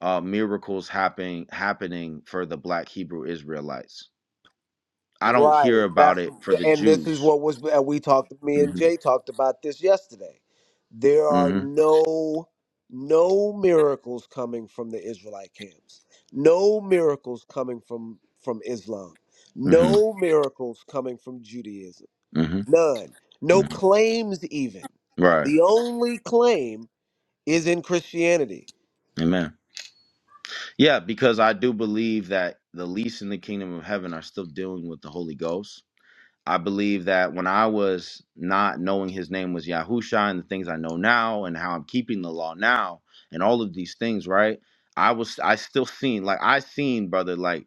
S1: uh, miracles happening happening for the Black Hebrew Israelites. I don't
S4: Right.
S1: hear about
S4: That's
S1: it for the
S4: and this is
S1: Jews.
S4: what was and we talked. Me and
S1: hmm
S4: Jay talked about this yesterday. there are
S1: hmm
S4: no no miracles coming from the israelite camps no miracles coming from from islam
S1: hmm
S4: no miracles coming from judaism
S1: hmm
S4: none no
S1: hmm
S4: claims even
S1: Right.
S4: the only claim is in christianity
S1: Amen. Yeah, because I do believe that the least in the kingdom of heaven are still dealing with the Holy Ghost. I believe that when I was not knowing his name was Yahusha and the things I know now and how I'm keeping the law now and all of these things, right? I was I still seen like I seen brother like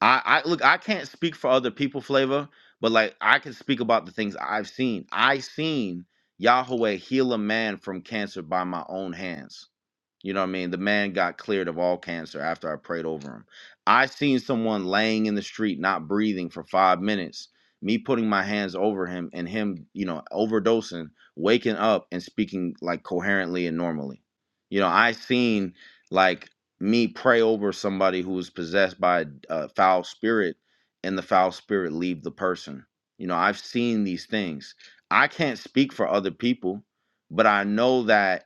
S1: I, I look, I can't speak for other people flavor, but like I can speak about the things I've seen. I seen Yahweh heal a man from cancer by my own hands. You know what I mean? The man got cleared of all cancer after I prayed over him. I seen someone laying in the street, not breathing for five minutes, me putting my hands over him and him, you know, overdosing, waking up and speaking like coherently and normally. You know, I seen like me pray over somebody who was possessed by a a foul spirit and the foul spirit leave the person. You know, I've seen these things. I can't speak for other people, but I know that,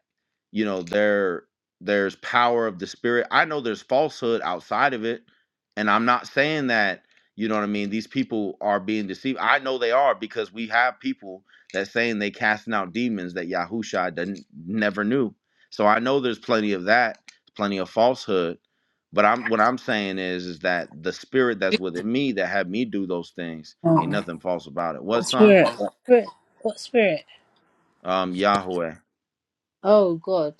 S1: you know, they're there's power of the spirit. I know there's falsehood outside of it. And I'm not saying that, you know what I mean, these people are being deceived. I know they are because we have people that saying they casting out demons that Yahusha didn't never knew. So I know there's plenty of that, plenty of falsehood. But I'm what I'm saying is is that the spirit that's within me that had me do those things ain't
S8: Uh,
S1: nothing false about it. What
S8: what
S1: son?
S8: spirit? What spirit? What spirit?
S1: Um Yahweh.
S8: Oh God!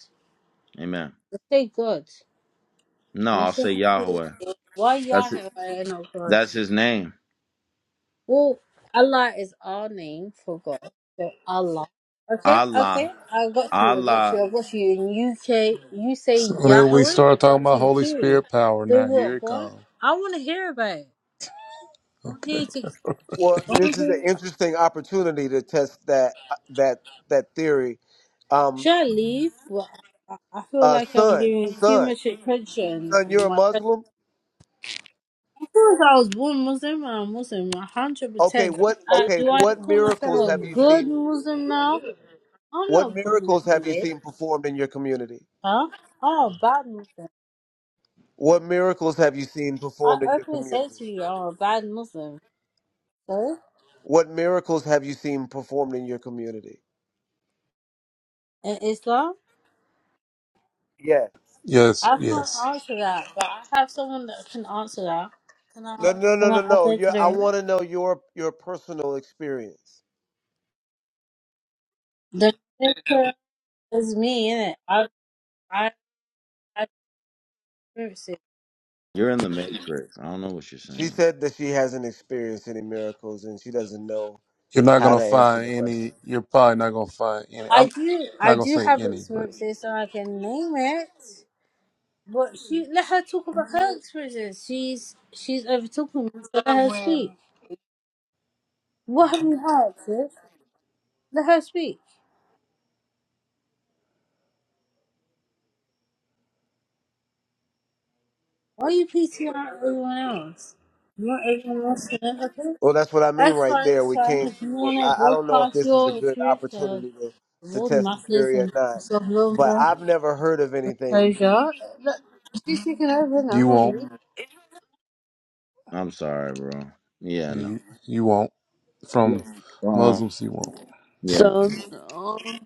S1: Amen.
S8: I say God.
S1: No,
S8: When I
S1: I'll
S8: say
S1: say
S8: happy.
S1: Yahweh.
S8: Why
S1: That's
S8: Yahweh
S1: it.
S8: and not God?
S1: That's his name.
S8: Well, Allah is our name for God. So Allah. Okay,
S1: Allah.
S8: okay. I got you. I got
S1: Allah,
S8: you. I got you. In UK, you
S3: So
S8: say
S3: then we
S8: Yahweh.
S3: start
S8: I
S3: talking
S8: got
S3: about
S8: you
S3: Holy
S8: too.
S3: Spirit power.
S8: So
S3: Now here
S8: what?
S3: it
S8: What?
S3: comes.
S8: I want to hear about it. I'm
S3: Okay.
S8: here to.
S4: well
S8: I'm
S4: this is an
S8: here.
S4: interesting opportunity to test that that that theory um
S8: Should I leave? Well, I I feel
S4: uh
S8: like I'm
S4: son
S8: giving too
S4: son
S8: much attention.
S4: son you're a muslim
S8: Since I was born Muslim, I'm a Muslim,
S4: okay
S8: 100%.
S4: what
S8: Uh,
S4: okay
S8: do I
S4: what
S8: call myself
S4: miracles
S8: a
S4: have you
S8: good
S4: seen
S8: Muslim now? I'm
S4: What
S8: not a good
S4: miracles
S8: Muslim,
S4: have you
S8: babe.
S4: seen performed in your community?
S8: Huh? I'm a bad Muslim.
S4: What miracles have you seen
S8: I
S4: performed in your
S8: openly say
S4: community?
S8: to you, I'm a bad Muslim. So,
S4: What miracles have you seen performed in your community?
S8: in Islam,
S4: Yeah.
S3: Yes.
S8: I can't
S3: Yes.
S8: answer that, but I have someone that can answer that. Can I,
S4: No, no, no,
S8: can
S4: no,
S8: I add
S4: no.
S8: that
S4: you
S8: to the
S4: I
S8: room?
S4: want to know your your personal experience.
S8: The picture is me, innit? I, I, I experience it.
S1: you're in the Matrix. I don't know what you're
S4: She
S1: saying.
S4: said that she hasn't experienced any miracles and she doesn't know
S3: You're not
S4: how
S3: gonna
S4: to answer the
S3: find
S4: question.
S3: any. You're probably not gonna find any.
S8: I
S3: I'm
S8: do, I
S3: not gonna
S8: do
S3: say
S8: have
S3: any, but
S8: experiences, so I can name it. But she let her talk about her experiences. She's she's over talking, so let her speak. What have you heard, sis? Let her speak. Why are you PTR out everyone else? You want everyone else to know, okay?
S4: Well, that's what I mean
S8: That's
S4: right
S8: fine,
S4: there.
S8: it's
S4: We
S8: fine.
S4: can't.
S8: If you
S4: well,
S8: wanna
S4: I, I don't know if
S8: broadcast
S4: this is a
S8: your
S4: good
S8: experience to
S4: opportunity to
S8: the
S4: to
S8: world
S4: test the
S8: masses
S4: theory or
S8: and
S4: not,
S8: self love
S4: but
S8: more
S4: I've never heard of anything
S8: disclosure, look, she's taking over
S3: you won't.
S8: now.
S1: I'm sorry, bro. Yeah, no.
S3: You, you won't. from
S1: Um,
S3: Muslims he won't.
S1: yeah,
S9: So, oh,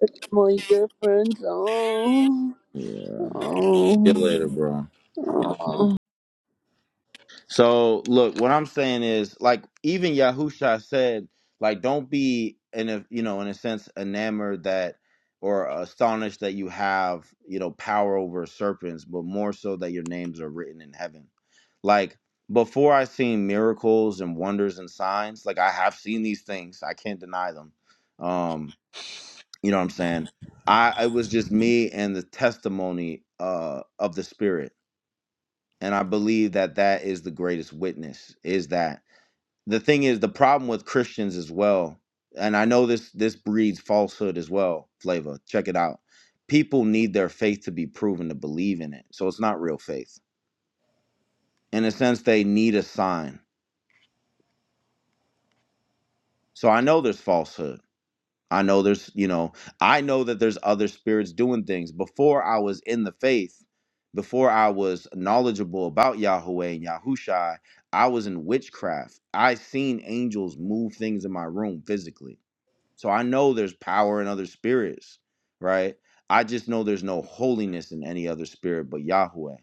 S9: it's my girlfriend. Oh,
S1: yeah. See you
S9: oh,
S1: later, bro.
S9: oh.
S1: So look, what I'm saying is like even Yahusha said, like don't be in a you know in a sense enamored that or astonished that you have you know power over serpents, but more so that your names are written in heaven. Like before I seen miracles and wonders and signs, like I have seen these things. I can't deny them. Um, you know what I'm saying? I it was just me and the testimony uh of the spirit and i believe that that is the greatest witness is that the thing is the problem with christians as well and i know this this breeds falsehood as well flavor check it out people need their faith to be proven to believe in it so it's not real faith in a sense they need a sign so i know there's falsehood I know there's, you know, I know that there's other spirits doing things. Before I was in the faith, before I was knowledgeable about Yahweh and Yahushai, I was in witchcraft. I seen angels move things in my room physically. So I know there's power in other spirits, right? I just know there's no holiness in any other spirit but Yahweh.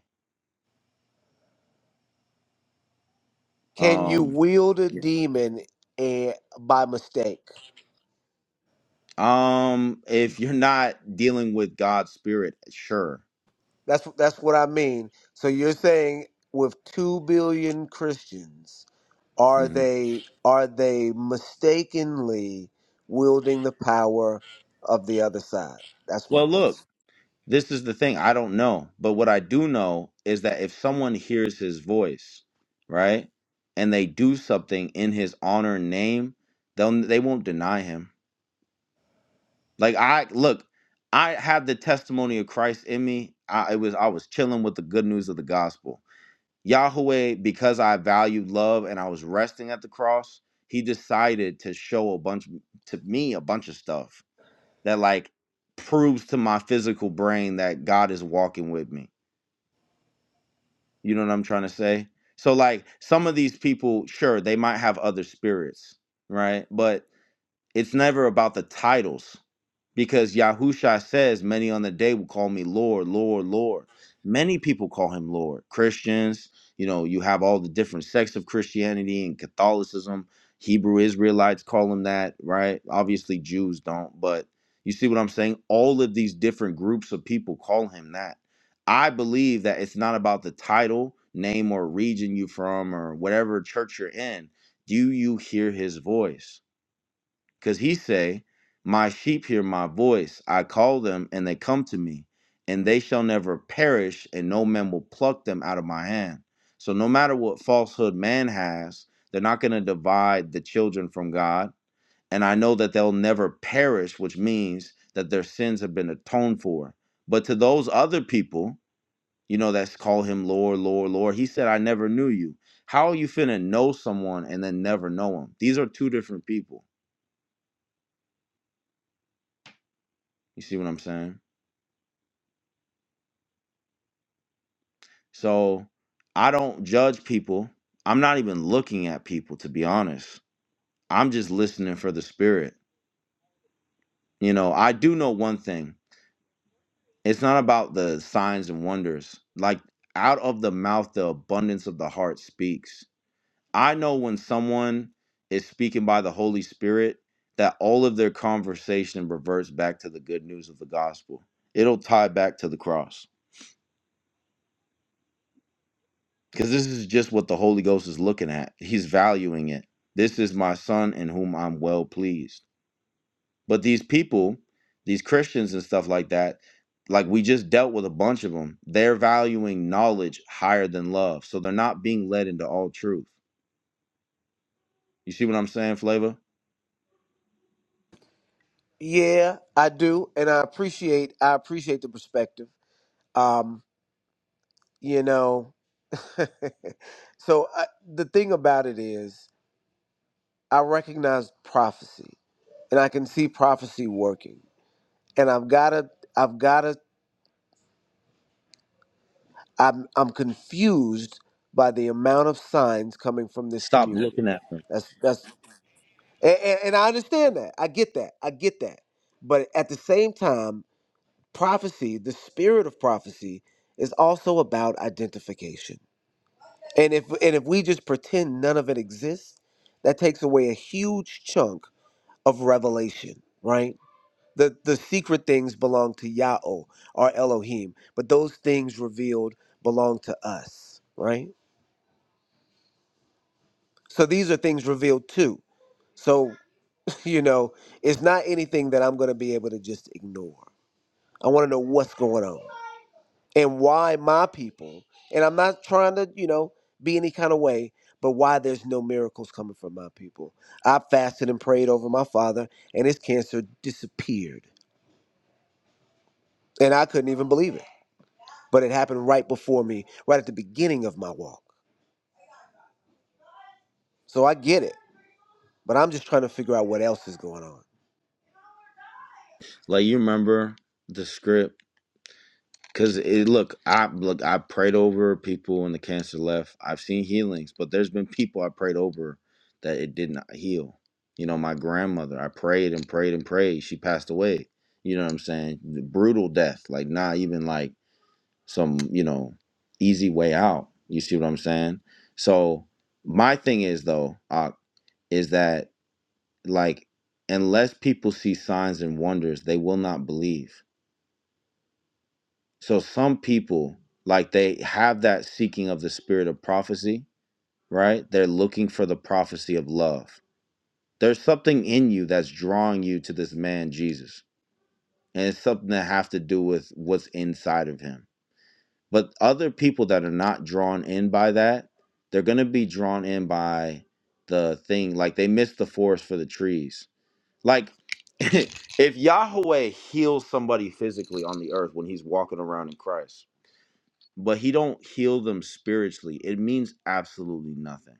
S4: Can you
S1: Um
S4: wield a
S1: Yeah.
S4: demon and by mistake?
S1: um if you're not dealing with God's spirit, sure.
S4: That's that's what I mean. So you're saying with two billion Christians, are
S1: Mhm.
S4: they are they mistakenly wielding the power of the other side? That's my
S1: Well, look,
S4: question.
S1: This is the thing. I don't know. But what I do know is that if someone hears his voice, right, and they do something in his honor and name, they'll they won't deny him. Like I look, I have the testimony of Christ in me. I it was I was chilling with the good news of the gospel. Yahweh, because I valued love and I was resting at the cross, he decided to show a bunch to me a bunch of stuff that like proves to my physical brain that God is walking with me You know what I'm trying to say? So like some of these people, sure, they might have other spirits, right? But it's never about the titles because Yahusha says, Many on the day will call me Lord, Lord, Lord. Many people call him Lord. Christians, you know, you have all the different sects of Christianity and Catholicism. Hebrew Israelites call him that, right? Obviously, Jews don't, but you see what I'm saying? All of these different groups of people call him that. I believe that it's not about the title, name, or region you from or whatever church you're in. Do you hear his voice? Because he say, My sheep hear my voice, I call them, and they come to me, and they shall never perish, and no man will pluck them out of my hand. So no matter what falsehood man has, they're not going to divide the children from God. And I know that they'll never perish, which means that their sins have been atoned for. But to those other people, you know, that's call him Lord, Lord, Lord, he said, I never knew you. How are you finna know someone and then never know him? These are two different people. You see what I'm saying? So I don't judge people. I'm not even looking at people, to be honest. I'm just listening for the spirit. You know, I do know one thing it's not about the signs and wonders. Like, out of the mouth, the abundance of the heart speaks. I know when someone is speaking by the Holy Spirit that all of their conversation reverts back to the good news of the gospel, it'll tie back to the cross because this is just what the Holy Ghost is looking at. He's valuing it. This is my son in whom I'm well pleased. But these people, these Christians and stuff like that, like we just dealt with a bunch of them, they're valuing knowledge higher than love. So they're not being led into all truth. You see what I'm saying, Flavor?
S4: Yeah, I do, and I appreciate I appreciate the perspective. Um, you know, so I, the thing about it is. I recognize prophecy and I can see prophecy working. And I've gotta I've gotta I'm I'm confused by the amount of signs coming from this
S1: Stop
S4: community.
S1: looking at them.
S4: That's that's and, and, and I understand that. I get that. I get that. But at the same time, prophecy, the spirit of prophecy, is also about identification. And if and if we just pretend none of it exists, that takes away a huge chunk of revelation, right? The the secret things belong to Yahweh our Elohim, but those things revealed belong to us, right? So these are things revealed too. So you know, it's not anything that I'm going to be able to just ignore. I want to know what's going on and why my people. And I'm not trying to you know be any kind of way, but why there's no miracles coming from my people. I fasted and prayed over my father, and his cancer disappeared, and I couldn't even believe it. but it happened right before me, right at the beginning of my walk. So I get it, but I'm just trying to figure out what else is going on.
S1: Like you remember the script Cause it look, I look, I prayed over people when the cancer left. I've seen healings, but there's been people I prayed over that it did not heal. You know, my grandmother, I prayed and prayed and prayed. She passed away. You know what I'm saying? Brutal death, like not even like some, you know, easy way out. You see what I'm saying? So my thing is though, uh, is that like unless people see signs and wonders, they will not believe so some people like they have that seeking of the spirit of prophecy, right? They're looking for the prophecy of love. There's something in you that's drawing you to this man Jesus, and it's something that have to do with what's inside of him. But other people that are not drawn in by that, they're going to be drawn in by the thing like they miss the forest for the trees. Like if Yahweh heals somebody physically on the earth when he's walking around in Christ, but he don't heal them spiritually it means absolutely nothing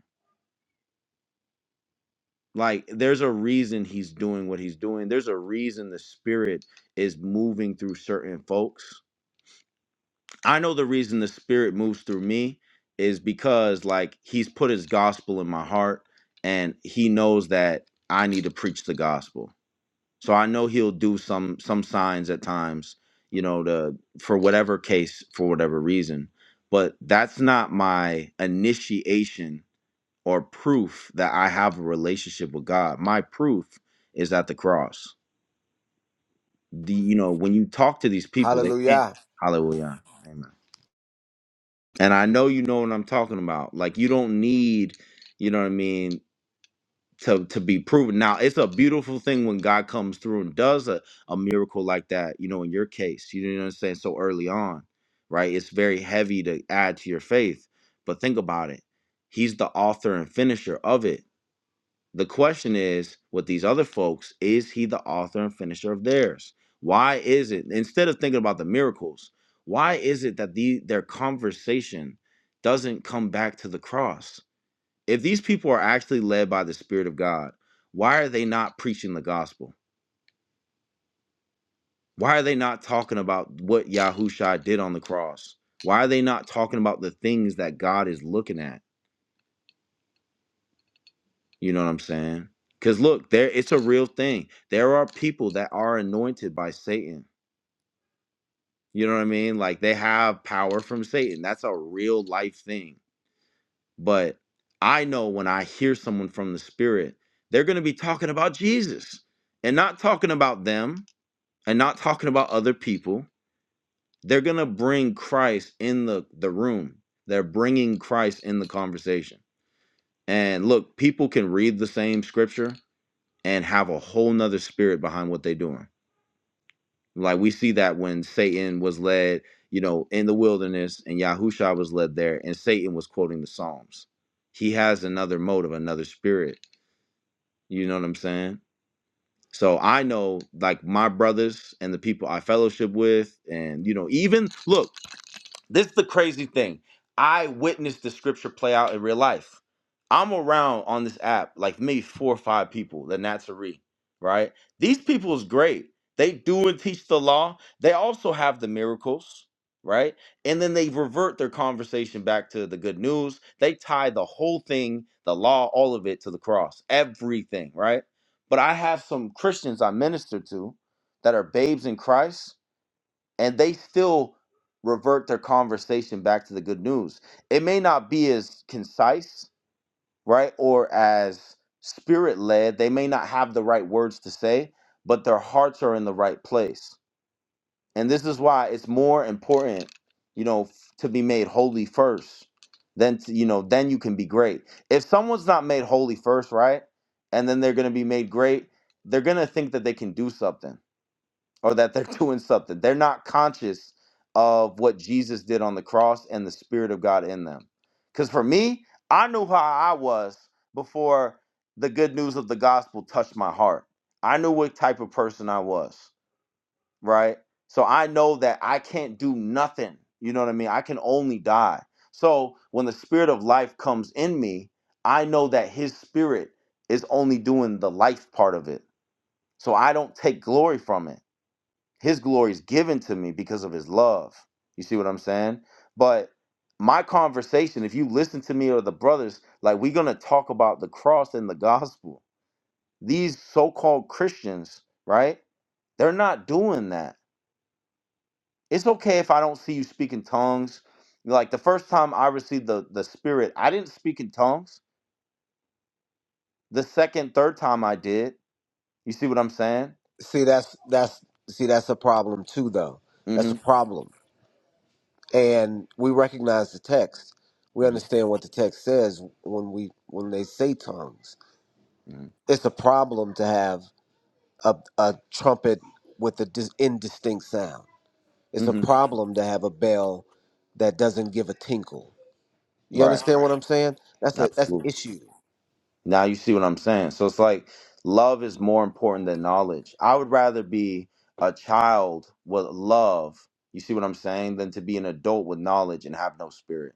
S1: like there's a reason he's doing what he's doing there's a reason the spirit is moving through certain folks i know the reason the spirit moves through me is because like he's put his gospel in my heart and he knows that i need to preach the gospel so i know he'll do some some signs at times you know to for whatever case for whatever reason but that's not my initiation or proof that I have a relationship with God. My proof is at the cross. The you know when you talk to these people, they
S4: Hallelujah.
S1: hallelujah, amen. And I know you know what I'm talking about. Like you don't need, you know what I mean, to to be proven. Now it's a beautiful thing when God comes through and does a a miracle like that. You know, in your case, you didn't understand so early on, right? It's very heavy to add to your faith, but think about it. He's the author and finisher of it The question is, with these other folks, is he the author and finisher of theirs? Why is it instead of thinking about the miracles, why is it that the their conversation doesn't come back to the cross? If these people are actually led by the Spirit of God, why are they not preaching the gospel? Why are they not talking about what Yahushua did on the cross? Why are they not talking about the things that God is looking at? You know what I'm saying? Cause look, there it's a real thing. There are people that are anointed by Satan. You know what I mean? Like they have power from Satan. That's a real life thing. But I know when I hear someone from the spirit, they're gonna be talking about Jesus and not talking about them and not talking about other people. They're gonna bring Christ in the, the room. They're bringing Christ in the conversation. And look, people can read the same scripture and have a whole nother spirit behind what they're doing. Like we see that when Satan was led, you know, in the wilderness and Yahushua was led there and Satan was quoting the Psalms. He has another motive, another spirit. You know what I'm saying? So I know like my brothers and the people I fellowship with and you know, even look, This is the crazy thing. I witnessed the scripture play out in real life. I'm around on this app like maybe four or five people, the Nazarene, right? These people is great. They do and teach the law. They also have the miracles, right? And then they revert their conversation back to the good news. They tie the whole thing, the law, all of it to the cross, everything, right? But I have some Christians I minister to that are babes in Christ and they still revert their conversation back to the good news. It may not be as concise, right, or as spirit led. They may not have the right words to say, but their hearts are in the right place. And this is why it's more important, you know, f- to be made holy first than to, you know, then you can be great. If someone's not made holy first, right, and then they're going to be made great, they're going to think that they can do something or that they're doing something. They're not conscious of what Jesus did on the cross and the Spirit of God in them. Because for me, I knew how I was before the good news of the gospel touched my heart. I knew what type of person I was, right? So I know that I can't do nothing. You know what I mean? I can only die. So when the Spirit of life comes in me, I know that His Spirit is only doing the life part of it. So I don't take glory from it. His glory is given to me because of his love. You see what I'm saying? But my conversation, if you listen to me or the brothers, like we're going to talk about the cross and the gospel. These so called Christians, right? They're not doing that. It's okay if I don't see you speak in tongues. Like the first time I received the, the Spirit, I didn't speak in tongues. The second, third time I did. You see what I'm saying?
S4: See, that's that's see, that's a problem too, though.
S1: Mm
S4: That's a
S1: hmm.
S4: problem, and we recognize the text. We
S1: Mm
S4: understand what the text says when we when they say tongues.
S1: hmm.
S4: It's a problem to have a, a trumpet with a dis- indistinct sound. It's
S1: Mm
S4: a
S1: hmm.
S4: problem to have a bell that doesn't give a tinkle. You
S1: Right.
S4: understand what Right. I'm saying? That's a that's an
S1: Absolutely.
S4: issue.
S1: Now you see what I'm saying. So it's like love is more important than knowledge. I would rather be a child with love, you see what I'm saying, than to be an adult with knowledge and have no spirit.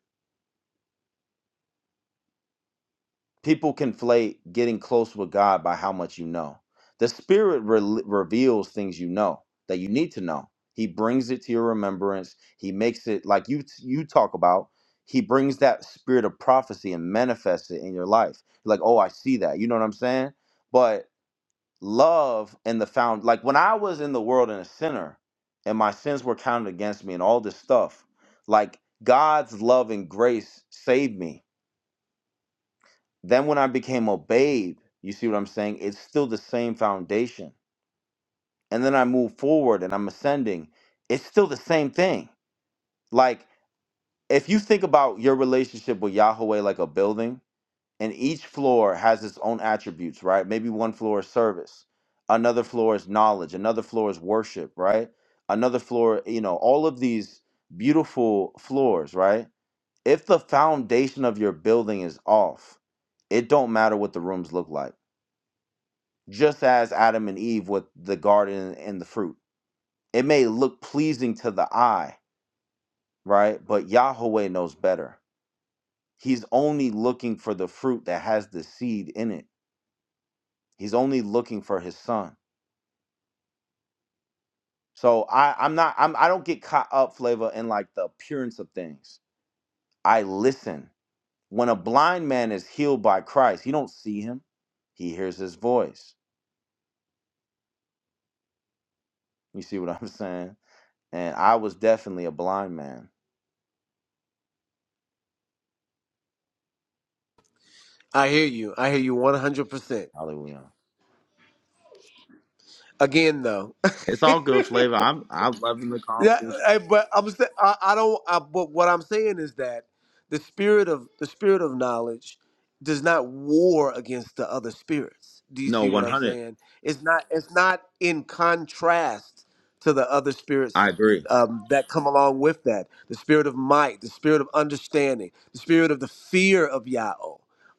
S1: People conflate getting close with God by how much you know. The spirit re- reveals things you know that you need to know. He brings it to your remembrance. He makes it like you you talk about. He brings that spirit of prophecy and manifests it in your life. Like, oh, I see that. You know what I'm saying? But love and the found like when I was in the world and a sinner and my sins were counted against me and all this stuff, like God's love and grace saved me. Then when I became a babe, you see what I'm saying? It's still the same foundation. And then I move forward and I'm ascending. It's still the same thing. Like if you think about your relationship with Yahweh like a building, and each floor has its own attributes, right? Maybe one floor is service, another floor is knowledge, another floor is worship, right? Another floor, you know, all of these beautiful floors, right? If the foundation of your building is off, it don't matter what the rooms look like. Just as Adam and Eve with the garden and the fruit. It may look pleasing to the eye, right? But Yahweh knows better. He's only looking for the fruit that has the seed in it He's only looking for his son. So I, I'm not. I'm. I don't get caught up, Flavor, in like the appearance of things. I listen. When a blind man is healed by Christ, he don't see him. He hears his voice. You see what I'm saying? And I was definitely a blind man.
S4: I hear you. I hear you 100%.
S1: Hallelujah.
S4: Again, though,
S1: It's all good, Flavor. I'm. I'm loving the
S4: Yeah,
S1: conversation.
S4: I, but I'm sa- I, I don't. I, but what I'm saying is that the spirit of the spirit of knowledge does not war against the other spirits. Do you
S1: No,
S4: see what I'm
S1: 100.
S4: saying? It's not. It's not in contrast to the other spirits
S1: I agree.
S4: um, that come along with that. The spirit of might, the spirit of understanding, the spirit of the fear of Yahweh.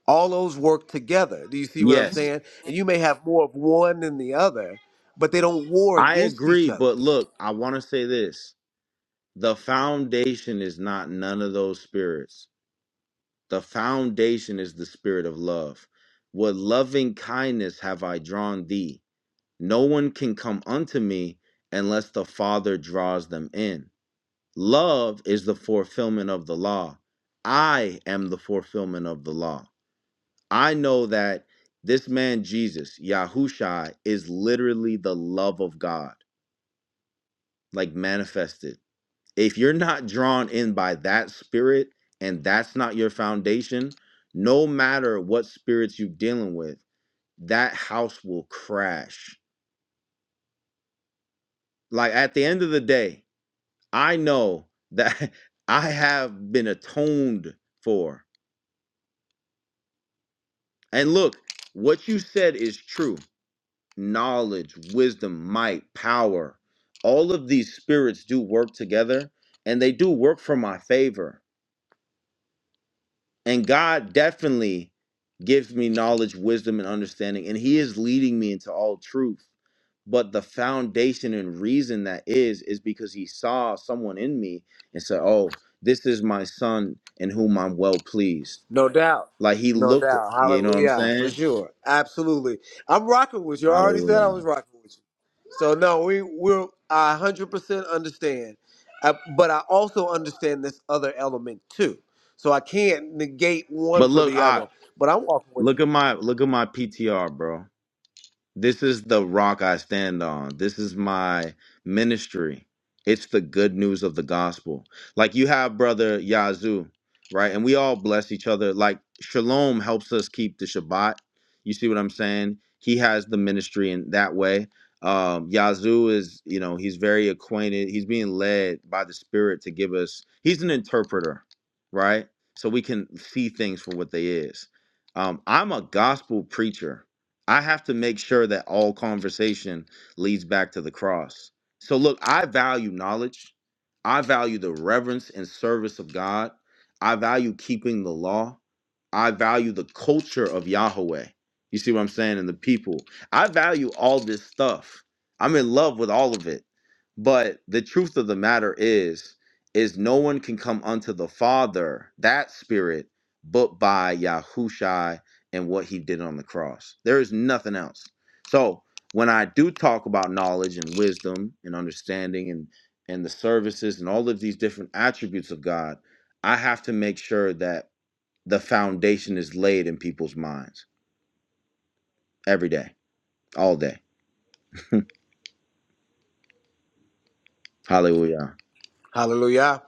S4: All those work together. Do you see what I'm
S1: Yes,
S4: saying? And you may have more of one than the other, but they don't war
S1: I
S4: against each
S1: agree.
S4: other.
S1: But look, I want to say this: the foundation is not none of those spirits. The foundation is the spirit of love. With loving kindness have I drawn thee. No one can come unto me unless the Father draws them in. Love is the fulfillment of the law. I am the fulfillment of the law. I know that this man Jesus, Yahushua, is literally the love of God, like manifested if you're not drawn in by that spirit and that's not your foundation, no matter what spirits you're dealing with, that house will crash. Like at the end of the day, I know that I have been atoned for. And look, what you said is true. Knowledge, wisdom, might, power, all of these spirits do work together and they do work for my favor And God definitely gives me knowledge, wisdom, and understanding. And He is leading me into all truth. But the foundation and reason that is, is because He saw someone in me and said, Oh, this is my son in whom I'm well pleased.
S4: No doubt.
S1: Like He
S4: No
S1: looked at,
S4: doubt.
S1: you know what I'm
S4: Hallelujah. For
S1: saying?
S4: sure. Absolutely. I'm rocking with you. I already said I
S1: Hallelujah.
S4: was rocking with you. So no, we we're I 100% understand. Uh, but I also understand this other element too. So I can't negate one
S1: But
S4: for
S1: look,
S4: the
S1: I
S4: other. But I'm walking with
S1: look
S4: you.
S1: at my look at my PTR, bro. This is the rock I stand on. This is my ministry. It's the good news of the gospel. Like you have brother Yazoo, right? And we all bless each other. Like Shalom helps us keep the Shabbat. You see what I'm saying? He has the ministry in that way. Um, Yazoo is, you know, he's very acquainted. He's being led by the Spirit to give us. He's an interpreter, right? So we can see things for what they is. Um, I'm a gospel preacher I have to make sure that all conversation leads back to the cross. So, look, I value knowledge. I value the reverence and service of God. I value keeping the law. I value the culture of Yahweh. You see what I'm saying? And the people. I value all this stuff. I'm in love with all of it. But the truth of the matter is, is no one can come unto the Father, that spirit, but by Yahushua and what he did on the cross. There is nothing else. So when I do talk about knowledge and wisdom and understanding and and the services and all of these different attributes of God, I have to make sure that the foundation is laid in people's minds every day, all day. Hallelujah.
S4: Hallelujah.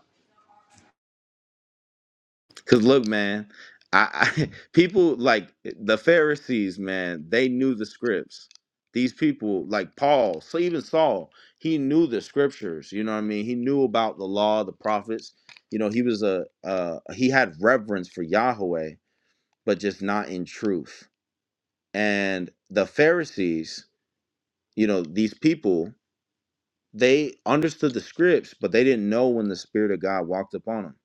S1: Cause look, man, I, I people like the Pharisees, man, they knew the scripts. These people, like Paul, so even Saul, he knew the scriptures. You know what I mean? He knew about the law, the prophets. You know, he was a uh, he had reverence for Yahweh, but just not in truth. And the Pharisees, you know, these people, they understood the scripts, but they didn't know when the Spirit of God walked upon them.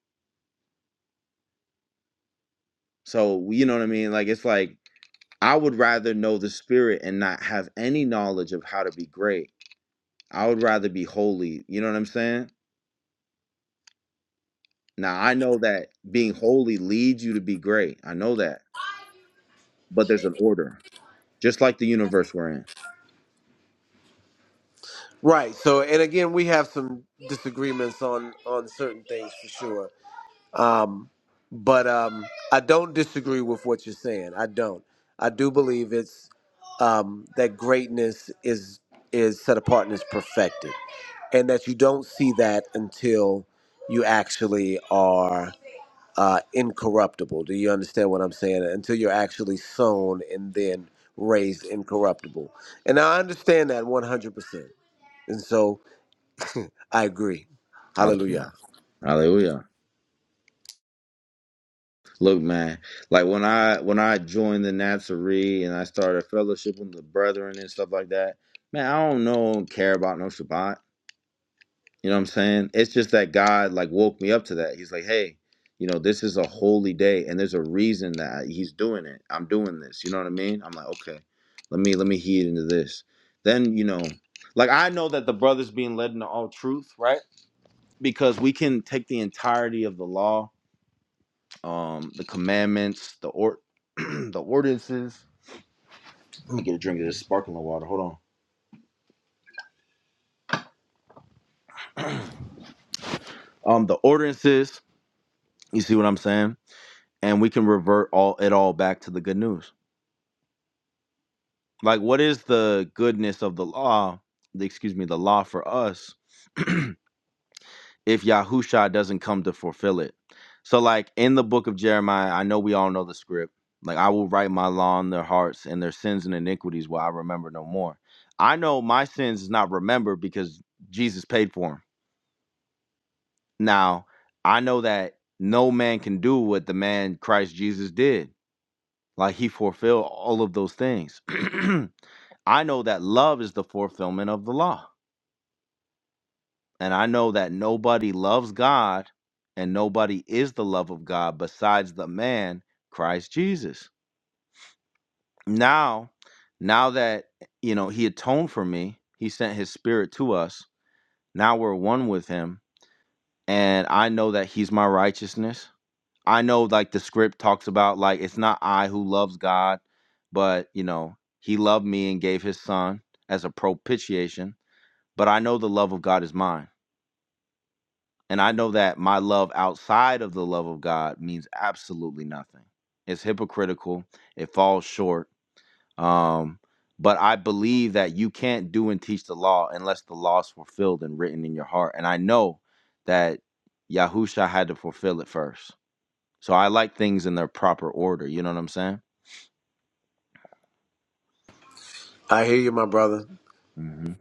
S1: So you know what I mean? Like it's like I would rather know the spirit and not have any knowledge of how to be great. I would rather be holy. You know what I'm saying? Now, I know that being holy leads you to be great. I know that. But there's an order, just like the universe we're in.
S4: Right. So and again, we have some disagreements on on certain things for sure. Um, but um, I don't disagree with what you're saying. I don't. I do believe it's um, that greatness is is set apart and is perfected, and that you don't see that until you actually are uh, incorruptible. Do you understand what I'm saying? Until you're actually sown and then raised incorruptible. And I understand that 100%. And so I agree. Hallelujah.
S1: Hallelujah. Hallelujah. Look, man, like when I when I joined the Nazarene and I started fellowship with the brethren and stuff like that, man, I don't know don't care about no Shabbat. You know what I'm saying? It's just that God like woke me up to that. He's like, hey, you know, this is a holy day, and there's a reason that He's doing it. I'm doing this. You know what I mean? I'm like, okay, let me let me heed into this. Then you know, like I know that the brothers being led into all truth, right? Because we can take the entirety of the law um, the commandments, the or the ordinances. Let me get a drink of this sparkling water. Hold on. Um, the ordinances. You see what I'm saying? And we can revert all it all back to the good news. Like, what is the goodness of the law? The, excuse me, the law for us if Yahusha doesn't come to fulfill it. So, like in the book of Jeremiah, I know we all know the script. Like, I will write my law on their hearts, and their sins and iniquities will I remember no more. I know my sins is not remembered because Jesus paid for them. Now, I know that no man can do what the man Christ Jesus did. Like, he fulfilled all of those things. I know that love is the fulfillment of the law. And I know that nobody loves God and nobody is the love of God besides the man, Christ Jesus. Now, now that, you know, he atoned for me, he sent his spirit to us. Now we're one with him. And I know that he's my righteousness. I know, like, the script talks about, like, it's not I who loves God, but, you know, he loved me and gave his son as a propitiation. But I know the love of God is mine And I know that my love outside of the love of God means absolutely nothing. It's hypocritical, it falls short. Um, but I believe that you can't do and teach the law unless the law is fulfilled and written in your heart. And I know that Yahusha had to fulfill it first. So I like things in their proper order. You know what I'm saying?
S4: I hear you, my brother.
S1: hmm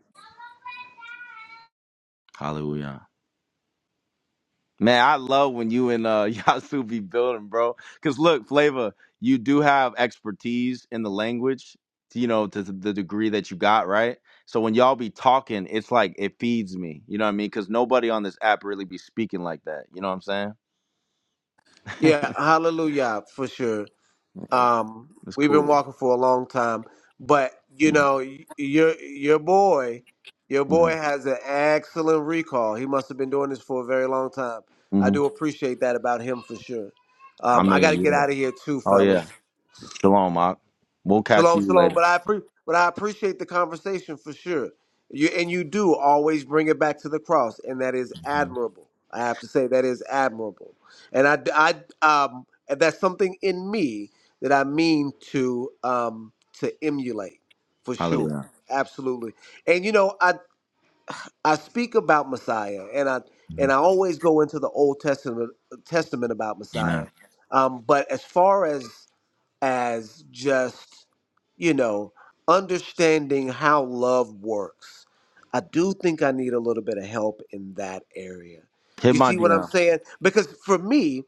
S1: Hallelujah. Man, I love when you and uh Yasu be building, bro. Cause look, Flavor, you do have expertise in the language, you know, to the degree that you got, right? So when y'all be talking, it's like it feeds me. You know what I mean? Cause nobody on this app really be speaking like that. You know what I'm saying?
S4: Yeah, hallelujah for sure. Um,
S1: it's
S4: we've been
S1: cool.
S4: walking for a long time, but you
S1: hmm
S4: know, y- your your boy, your
S1: hmm
S4: boy has an excellent recall. He must have been doing this for a very long time. I
S1: hmm
S4: do appreciate that about him for sure.
S1: I
S4: Um, I
S1: mean,
S4: got to get
S1: yeah.
S4: out of here too,
S1: Oh yeah.
S4: fellas.
S1: Shalom, Mark. We'll catch
S4: Shalom,
S1: you
S4: shalom.
S1: later.
S4: But I appre but I appreciate the conversation for sure. You and you do always bring it back to the cross, and that is
S1: Mhm.
S4: admirable. I have to say that is admirable, and I, d- I, um, and that's something in me that I mean to um to emulate for sure,
S1: Hallelujah.
S4: absolutely. And you know, I I speak about Messiah, and I and
S1: Mhm.
S4: I always go into the Old Testament Testament about
S1: Amen.
S4: Messiah. Um, but as far as as just, you know, understanding how love works. I do think I need a little bit of help in that area.
S1: Hit
S4: You
S1: my
S4: see what I'm
S1: DM.
S4: saying? Because for me,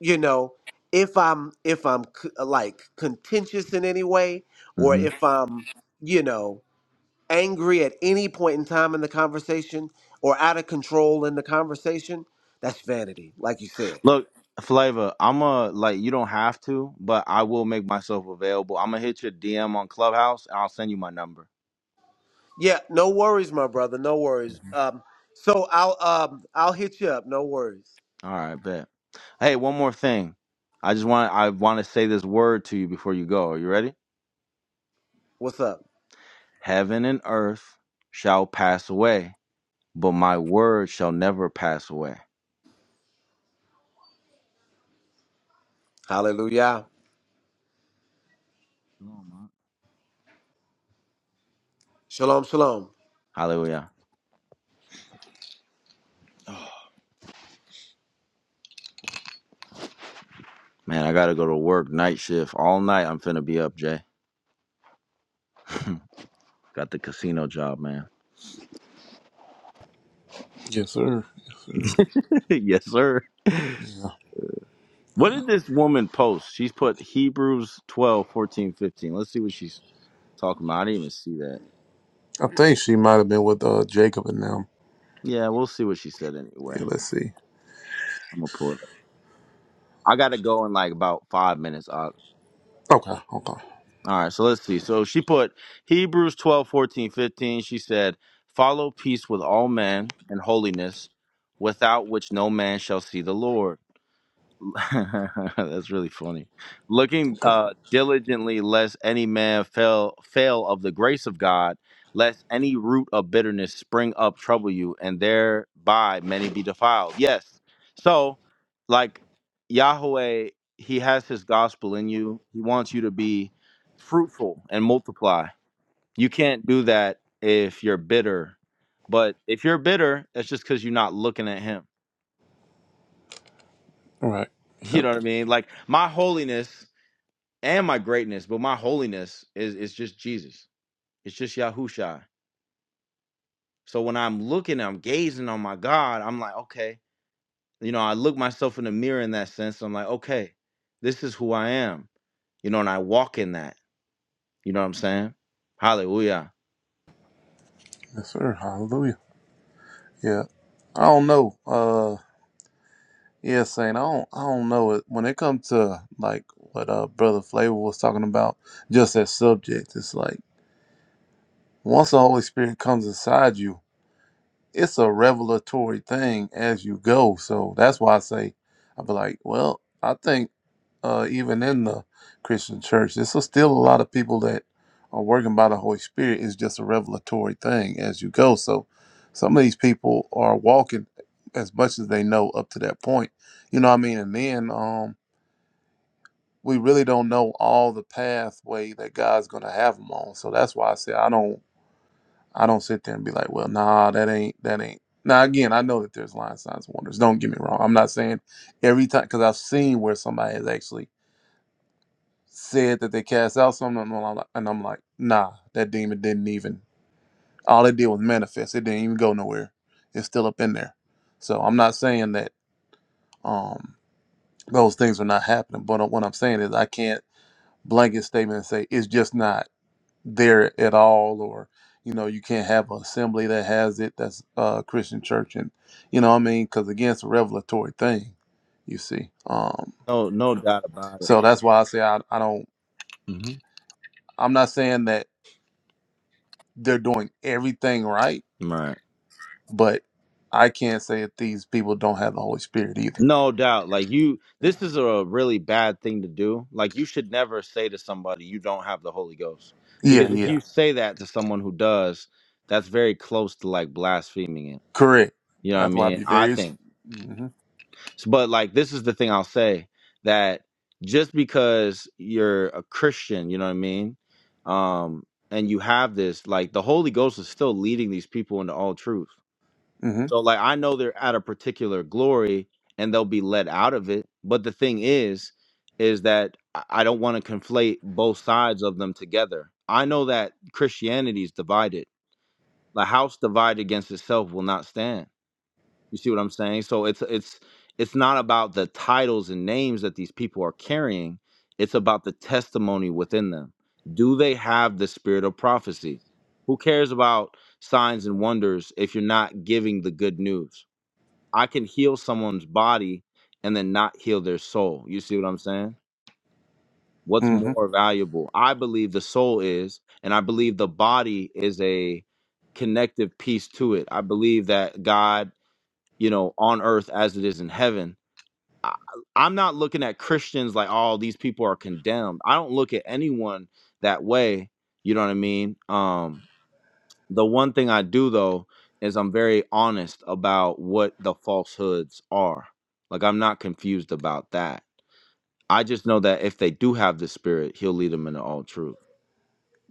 S4: you know, if I'm if I'm c- like contentious in any way or if I'm, you know, angry at any point in time in the conversation or out of control in the conversation, that's vanity, like you said
S1: Look, Flavor, I'm a like you don't have to, but I will make myself available. I'm gonna hit your DM on Clubhouse and I'll send you my number.
S4: Yeah, no worries, my brother. No worries.
S1: Mhm.
S4: Um, so I'll um I'll hit you up. No worries.
S1: All right, bet. Hey, one more thing. I just want I want to say this word to you before you go. Are you ready?
S4: What's up?
S1: Heaven and earth shall pass away, but my word shall never pass away.
S4: Hallelujah.
S1: Shalom, Mark.
S4: Shalom, shalom.
S1: Hallelujah. Man, I gotta go to work night shift all night. I'm finna be up, Jay. Got the casino job, man.
S3: Yes, sir. Yes, sir.
S1: yes, sir.
S3: Yeah.
S1: What
S3: yeah.
S1: did this woman post? She's put Hebrews 12, fourteen, 15. Let's see what she's talking about. I didn't even see that.
S3: I think she might have been with uh, Jacob and them.
S1: Yeah, we'll see what she said anyway.
S3: Yeah, let's see.
S1: I'm going to pull it up. I got to go in like about five minutes. Out.
S3: Okay, okay,
S1: All right, so let's see. So she put Hebrews 12, fourteen, 15. She said, Follow peace with all men and holiness, without which no man shall see the Lord. That's really funny. Looking
S3: okay.
S1: uh, diligently, lest any man fail fail of the grace of God, lest any root of bitterness spring up trouble you, and thereby many be defiled. Yes. So, like Yahweh, He has His gospel in you. He wants you to be fruitful and multiply. You can't do that if you're bitter. But if you're bitter, that's just because you're not looking at Him.
S3: All right.
S1: You
S3: Yep.
S1: know what I mean? Like my holiness and my greatness, but my holiness is is just Jesus. It's just Yahusha. So when I'm looking, I'm gazing on my God, I'm like, okay, you know, I look myself in the mirror in that sense. I'm like, okay, this is who I am. You know, and I walk in that. You know what I'm saying? Hallelujah.
S3: Yes, sir. Hallelujah. Yeah. I don't know. Uh yeah, Saint, I don't I don't know it when it comes to like what uh Brother Flavor was talking about, just that subject, it's like once the Holy Spirit comes inside you, it's a revelatory thing as you go. So that's why I say I'd be like, well, I think uh, even in the Christian church. There's so still a lot of people that are working by the Holy Spirit. It's just a revelatory thing as you go. So some of these people are walking as much as they know up to that point. You know what I mean? And then um, we really don't know all the pathway that God's going to have them on. So that's why I say I don't. I don't sit there and be like, well, nah, that ain't that ain't. Now again, I know that there's line signs and wonders. Don't get me wrong. I'm not saying every time because I've seen where somebody has actually said that they cast out something, and I'm like, and I'm like, nah, that demon didn't even. All it did was manifest. It didn't even go nowhere. It's still up in there. So I'm not saying that um, those things are not happening, but what I'm saying is I can't blanket statement and say it's just not there at all, or you know, you can't have an assembly that has it. That's uh, Christian church, and you know, what I mean, because again, it's a revelatory thing. You see, um,
S1: No, no doubt about it.
S3: so that's why I say I, I don't.
S1: hmm
S3: I'm not saying that. they're doing everything right,
S1: Right.
S3: but I can't say that these people don't have the Holy Spirit either.
S1: No doubt. Like you
S3: Yeah,
S1: this is a really bad thing to do. Like you should never say to somebody you don't have the Holy Ghost.
S3: yeah,
S1: Because if
S3: yeah.
S1: you say that to someone who does, that's very close to like blaspheming it.
S3: correct.
S1: You know what I
S3: That's why I'd
S1: mean?
S3: be
S1: I
S3: very.
S1: think.
S3: Mm-hmm,
S1: S- But like this is the thing I'll say that just because you're a Christian, you know what I mean? Um and you have this like the Holy Ghost is still leading these people into all truth.
S3: mm-hmm,
S1: So like I know they're at a particular glory and they'll be let out of it. But the thing is, is that I I don't want to conflate both sides of them together. I know that Christianity is divided. The house divided against itself will not stand. You see what I'm saying? So it's it's it's not about the titles and names that these people are carrying. It's about the testimony within them. Do they have the spirit of prophecy? Who cares about signs and wonders if you're not giving the good news? I can heal someone's body and then not heal their soul. You see what I'm saying? What's
S3: mm-hmm.
S1: more valuable? I believe the soul is, and I believe the body is a connective piece to it. I believe that God, you know, on earth as it is in heaven. I, I'm not looking at Christians like, oh, these people are condemned. I don't look at anyone that way. You know what I mean? Um, the one thing I do though is I'm very honest about what the falsehoods are. Like I'm not confused about that. I just know that if they do have the spirit, he'll lead them into all truth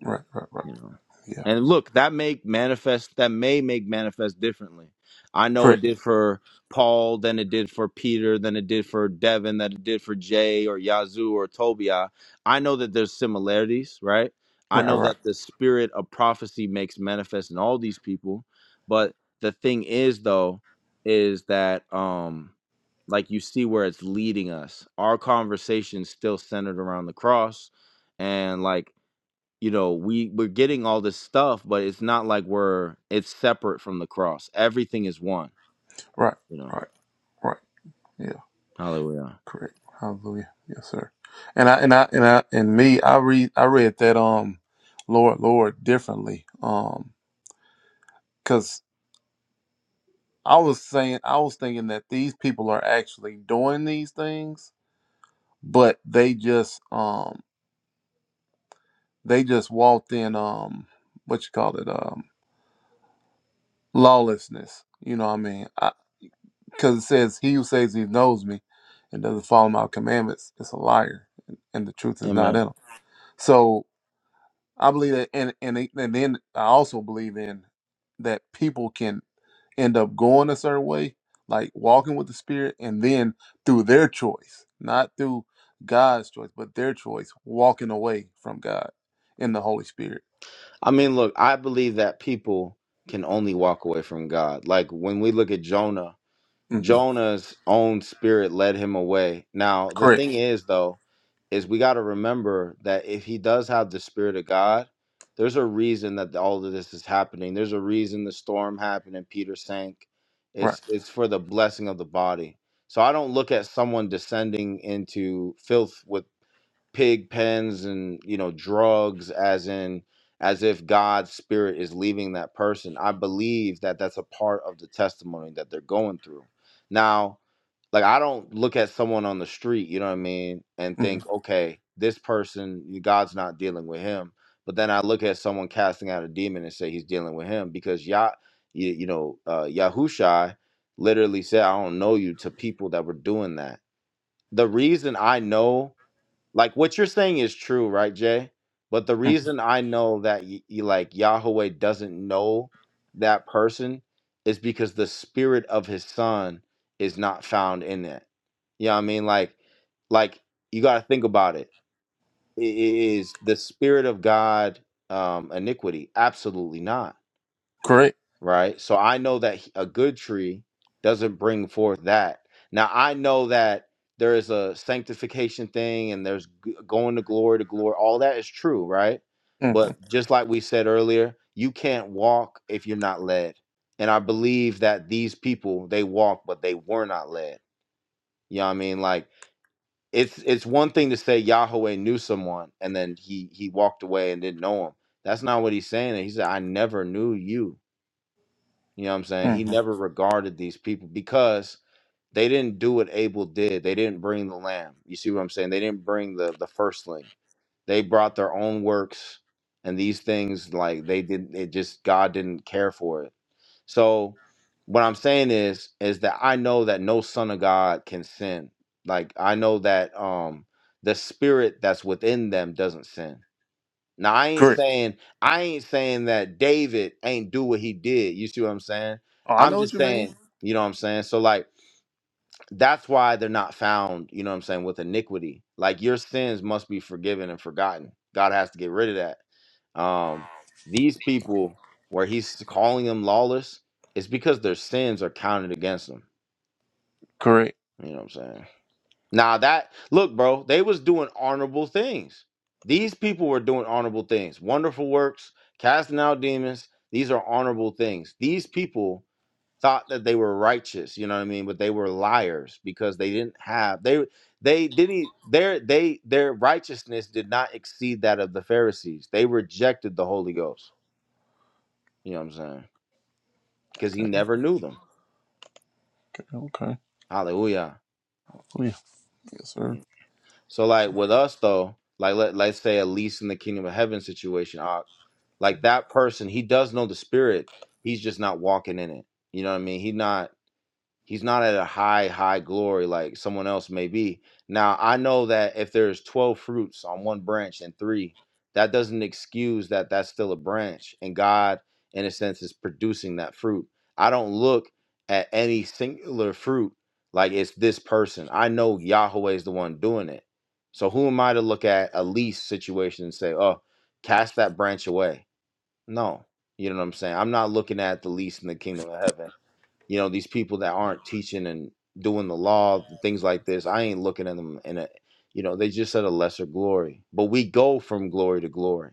S3: Right, right, right.
S1: you know
S3: Yeah,
S1: and look that make manifest that may make manifest differently i know it
S3: correct.
S1: did for paul than it did for peter than it did for devin that it did for jay or yazoo or tobiah i know that there's similarities right i
S3: Right,
S1: know
S3: right,
S1: that the spirit of prophecy makes manifest in all these people but the thing is though is that um like you see where it's leading us our conversation's still centered around the cross and like you know we we're getting all this stuff but it's not like we're it's separate from the cross everything is one
S3: right,
S1: you know
S3: right, right. Yeah,
S1: hallelujah
S3: correct. Hallelujah. Yes, sir. And I and I and I and me, I read I read that um, Lord, Lord, differently. Um, because I was saying I was thinking that these people are actually doing these things but they just um they just walked in um what you call it um lawlessness you know what i mean because it says he who says he knows me and doesn't follow my commandments is a liar and the truth is not
S1: Amen.
S3: in him so i believe that and and, and then i also believe in that people can end up going a certain way, like walking with the Spirit, and then through their choice, not through God's choice, but their choice, walking away from God in the Holy Spirit.
S1: I mean, look, I believe that people can only walk away from God. Like when we look at Jonah
S3: hmm
S1: Jonah's own spirit led him away. Now, the
S3: Correct.
S1: thing is, though, is we got to remember that if he does have the spirit of God, there's a reason that all of this is happening. There's a reason the storm happened and Peter sank.
S3: Right.
S1: It's it's for the blessing of the body. So I don't look at someone descending into filth with pig pens and you know drugs as in as if god's spirit is leaving that person i believe that that's a part of the testimony that they're going through now like i don't look at someone on the street you know what i mean and
S3: hmm
S1: think okay this person god's not dealing with him but then i look at someone casting out a demon and say he's dealing with him because yah you, you know uh yahushai literally said i don't know you to people that were doing that the reason i know like what you're saying is true, right, Jay? But the reason I know that y- y- like Yahweh doesn't know that person is because the spirit of his son is not found in it. You know what I mean? Like, like you got to think about it. I- i- Is the spirit of God um, iniquity? Absolutely not
S3: Correct.
S1: right? So I know that he- a good tree doesn't bring forth that. Now I know that there is a sanctification thing and there's g- going to glory to glory. All that is true, right?
S3: hmm
S1: But just like we said earlier, you can't walk if you're not led. And I believe that these people, they walked, but they were not led. You know what I mean? Like it's it's one thing to say Yahweh knew someone and then he he walked away and didn't know him. That's not what he's saying. He said, I never knew you you know what I'm saying? He
S3: hmm
S1: never regarded these people because they didn't do what Abel did. They didn't bring the lamb. You see what I'm saying? They didn't bring the the firstling. They brought their own works and these things like they didn't it just God didn't care for it. So what I'm saying is is that I know that no son of God can sin. Like I know that um the spirit that's within them doesn't sin now I ain't
S3: Correct.
S1: saying I ain't saying that David ain't do what he did. You see what I'm saying?
S3: Oh, I
S1: I'm
S3: know what
S1: just
S3: you mean.
S1: saying, you know what I'm saying? So like that's why they're not found, you know what I'm saying, with iniquity. Like your sins must be forgiven and forgotten. God has to get rid of that. Um these people where he's calling them lawless, it's because their sins are counted against them.
S3: Correct.
S1: You know what I'm saying? Now that look, bro, they was doing honorable things. These people were doing honorable things. Wonderful works, casting out demons. These are honorable things. These people thought that they were righteous, you know what I mean? But they were liars because they didn't have they they didn't e, their they their righteousness did not exceed that of the Pharisees. They rejected the Holy Ghost. You know what I'm saying? Because he
S3: Okay.
S1: never knew them.
S3: Okay. okay.
S1: Hallelujah.
S3: Oh, yeah. Yes, sir.
S1: Hmm. So like with us though, like let let's say at least in the kingdom of heaven situation, uh, like that person, he does know the spirit. He's just not walking in it. You know what I mean? He not He's not at a high, high glory like someone else may be. Now, I know that if there's 12 fruits on one branch and three, that doesn't excuse that that's still a branch. And God, in a sense, is producing that fruit. I don't look at any singular fruit like it's this person. I know Yahweh is the one doing it. So who am I to look at a lease situation and say, oh, cast that branch away? No. You know what I'm saying? I'm not looking at the lease in the kingdom of heaven you know these people that aren't teaching and doing the law things like this i ain't looking at them in a, you know they just at a lesser glory but we go from glory to glory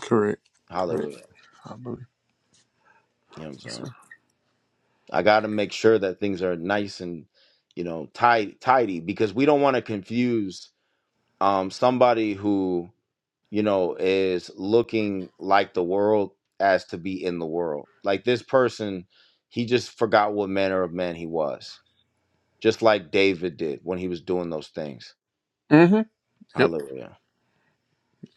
S3: Correct. Correct.
S1: hallelujah
S3: I believe.
S1: you know what i'm
S3: Yes, sir.
S1: saying i got to make sure that things are nice and you know tidy tidy because we don't want to confuse um somebody who you know is looking like the world as to be in the world like this person he just forgot what manner of man he was just like david did when he was doing those things
S3: hmm Yep.
S1: Hallelujah.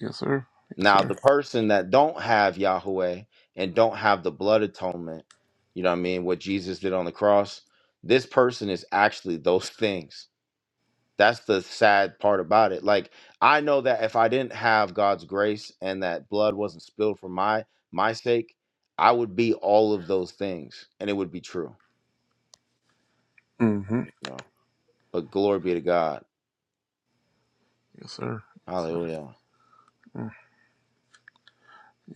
S3: Yes, sir. Yes,
S1: Now
S3: sir.
S1: the person that don't have Yahweh and don't have the blood atonement, you know what I mean, what Jesus did on the cross, this person is actually those things. That's the sad part about it. Like I know that if I didn't have God's grace and that blood wasn't spilled for my my sake, I would be all of those things and it would be true.
S3: hmm
S1: You know? But glory be to God.
S3: Yes, sir. Yes, sir.
S1: Hallelujah.
S3: Mm.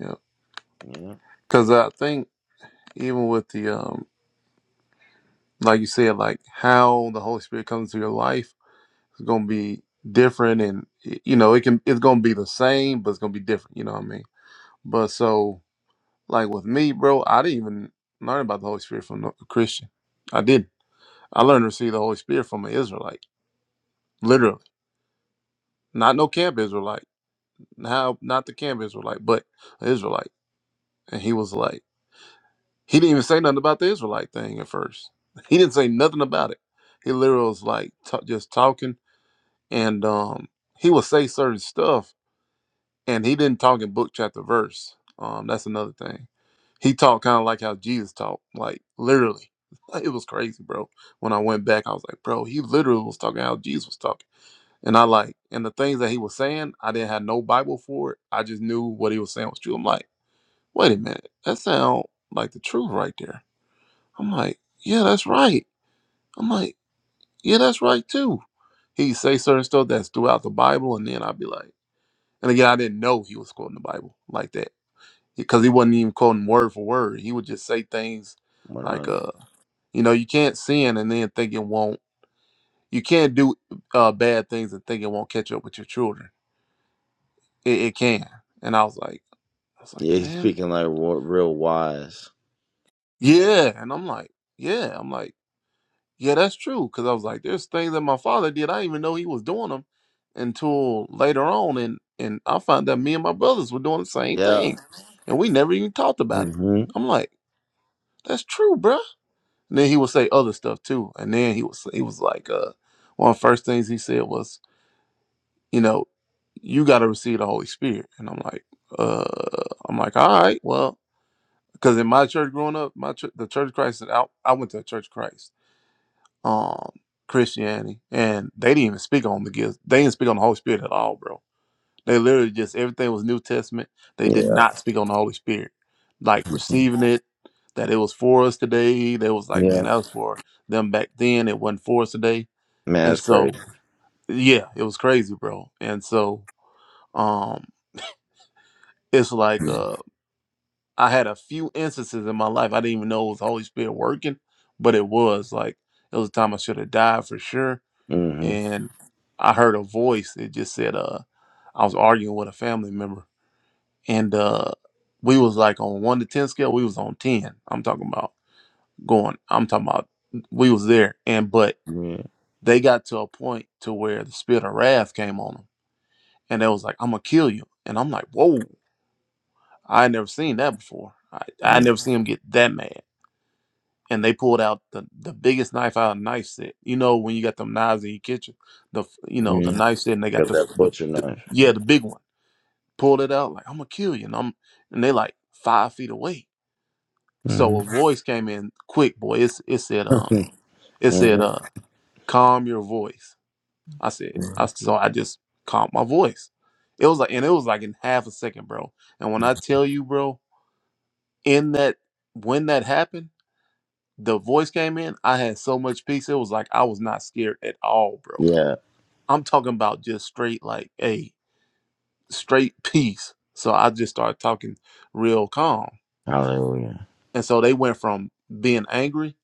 S3: Yep.
S1: Yeah.
S3: Because I think even with the um like you said, like how the Holy Spirit comes to your life is going to be different, and you know it can it's going to be the same, but it's going to be different. You know what I mean? But so like with me, bro, I didn't even learn about the Holy Spirit from no- a Christian. I didn't. I learned to receive the Holy Spirit from an Israelite, literally, not no camp Israelite, how not the camp Israelite, but an Israelite. And he was like, he didn't even say nothing about the Israelite thing at first. He didn't say nothing about it. He literally was like t- just talking and um, he will say certain stuff, and he didn't talk in book chapter verse. Um, that's another thing. He talked kind of like how Jesus talked, like literally. It was crazy, bro. When I went back, I was like, bro, he literally was talking how Jesus was talking, and I like, and the things that he was saying, I didn't have no Bible for it. I just knew what he was saying was true. I'm like, wait a minute, that sounds like the truth right there. I'm like, yeah, that's right. I'm like, yeah, that's right too. He say certain stuff that's throughout the Bible, and then I'd be like. And again, I didn't know he was quoting the Bible like that because he wasn't even quoting word for word. He would just say things like,
S1: 100.
S3: uh, you know, you can't sin and then think it won't, you can't do uh, bad things and think it won't catch up with your children. It, it can. And I was like, I was like,
S1: Yeah, he's
S3: man,
S1: speaking like wa- real wise.
S3: yeah. And I'm like, yeah. I'm like, yeah, that's true. Cause I was like, there's things that my father did. I didn't even know he was doing them until later on. And, and I found that me and my brothers were doing the same
S1: Yeah.
S3: thing and we never even talked about it.
S1: Mm-hmm.
S3: I'm like, that's true, bruh. And then he would say other stuff too. And then he was he was like, uh, one of the first things he said was, you know, you got to receive the Holy Spirit. And I'm like, uh, I'm like, all right, well, because in my church growing up, my church, the Church of Christ, I, I went to a Church of Christ, um, Christianity, and they didn't even speak on the gifts. They didn't speak on the Holy Spirit at all, bro. They literally just everything was New Testament. They did
S1: Yeah,
S3: not speak on the Holy Spirit, like receiving it, that it was for us today. They was like,
S1: yeah.
S3: man, that was for them back then. It wasn't for us today.
S1: Man,
S3: And
S1: that's crazy.
S3: so, yeah, it was crazy, bro. And so, um, it's like uh, I had a few instances in my life I didn't even know it was the Holy Spirit working, but it was like it was a time I should have died for sure.
S1: Mm-hmm.
S3: And I heard a voice. It just said, uh, I was arguing with a family member and uh we was like on one to ten scale we was on ten i'm talking about going i'm talking about we was there and but
S1: Yeah,
S3: they got to a point to where the spirit of wrath came on them and they was like i'm gonna kill you and i'm like whoa i ain't never seen that before i, I
S1: yeah,
S3: never seen him get that mad and they pulled out the, the biggest knife out of knife set. You know when you got them knives in your kitchen, the f- you know the
S1: yeah.
S3: knife set, and they got
S1: Got
S3: the,
S1: that
S3: the,
S1: butcher
S3: the
S1: knife.
S3: yeah the big one. Pulled it out like I'm gonna kill you, and I'm and they like five feet away So a
S1: Mm-hmm.
S3: voice came in quick, boy. It's, it said, um, it said,
S1: mm-hmm.
S3: uh, calm your voice. I said, I so I just calmed my voice. It was like, and it was like in half a second, bro. And when I tell you, bro, in that when that happened, the voice came in. I had so much peace. It was like I was not scared at all, bro.
S1: Yeah.
S3: I'm talking about just straight, like, a straight peace. So I just started talking real calm,
S1: Hallelujah.
S3: and so they went from being angry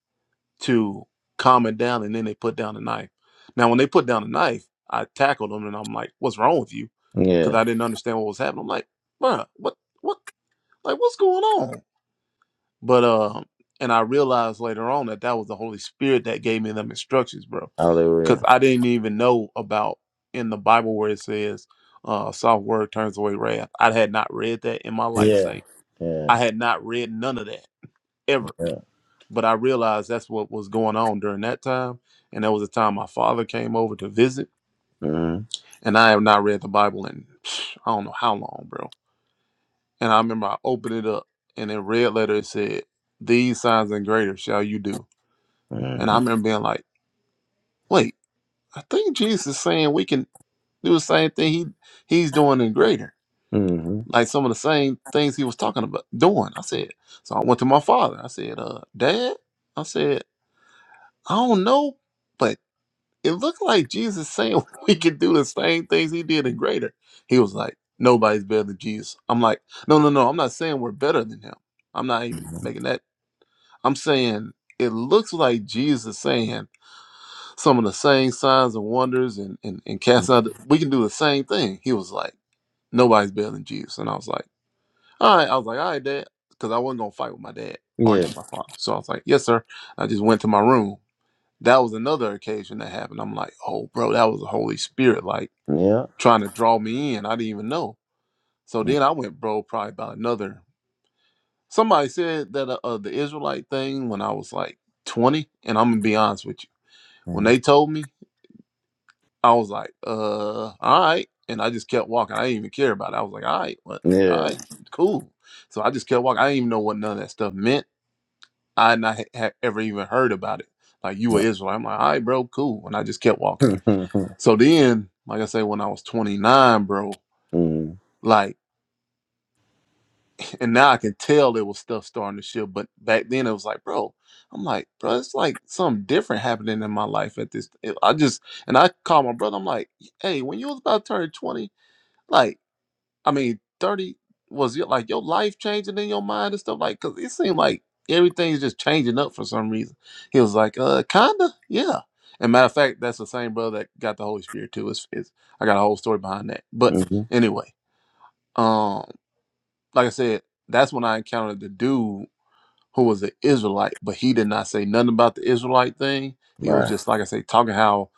S3: to calm it down, and then they put down the knife. Now, when they put down the knife, I tackled them, and I'm like, "What's wrong with you?"
S1: Yeah.
S3: Because I didn't understand what was happening. I'm like, "Bruh, what, what, like, what's going on?" But uh, and I realized later on that that was the Holy Spirit that gave me them instructions, bro. Because
S1: Hallelujah.
S3: I didn't even know about in the Bible where it says, "Uh, soft word turns away wrath." I had not read that in my life,
S1: Yeah.
S3: saint.
S1: Yeah.
S3: I had not read none of that ever
S1: Yeah.
S3: but I realized that's what was going on during that time. And that was the time my father came over to visit.
S1: Mm-hmm.
S3: And I have not read the Bible in psh, I don't know how long, bro. And I remember I opened it up and in red letter it said, These signs and greater shall you do. And I
S1: Mm-hmm.
S3: remember being like, Wait, I think Jesus is saying we can do the same thing he he's doing in greater.
S1: Mm-hmm.
S3: Like some of the same things he was talking about doing. I said, so I went to my father. I said, uh, Dad, I said, I don't know, but.'" it looked like Jesus saying we could do the same things he did and greater. He was like, nobody's better than Jesus. I'm like, no, no, no. I'm not saying we're better than him. I'm not even making that. I'm saying it looks like Jesus saying some of the same signs and wonders and and, and cast out. We can do the same thing. He was like, nobody's better than Jesus. And I was like, all right. I was like, all right, dad, because I wasn't gonna fight with my dad, argue
S1: Yeah.
S3: with my father. So I was like, yes, sir. I just went to my room that was another occasion that happened. I'm like, oh, bro, that was the Holy Spirit, like
S1: Yeah.
S3: trying to draw me in. I didn't even know. So then I went, bro, probably about another. Somebody said that uh, uh, the Israelite thing when I was like 20, and I'm gonna be honest with you. When
S1: Mm-hmm.
S3: they told me, I was like, uh, all right, and I just kept walking. I didn't even care about it. I was like, all right, what, all
S1: Yeah.
S3: right, cool. So I just kept walking. I didn't even know what none of that stuff meant. I had not ha- ha- ever even heard about it. Like you were Israel. I'm like, all right, bro, cool. And I just kept walking.
S1: mm-hmm.
S3: So then, like I say, when I was 29, bro, like, and now I can tell there was stuff starting to shift. But back then, it was like, bro, I'm like, bro, it's like something different happening in my life at this. I just, and I called my brother. I'm like, hey, when you was about to turn 20, like. I mean, 30 was your like your life changing in your mind and stuff like cuz it seemed like everything's just changing up for some reason. He was like, "Uh, kinda. Yeah." And matter of fact, that's the same brother that got the Holy Spirit too. It's, it's I got a whole story behind that. But
S1: Mm-hmm.
S3: anyway, um like I said, that's when I encountered the dude who was an Israelite, but he did not say nothing about the Israelite thing. He was
S1: Right.
S3: just like I say, talking how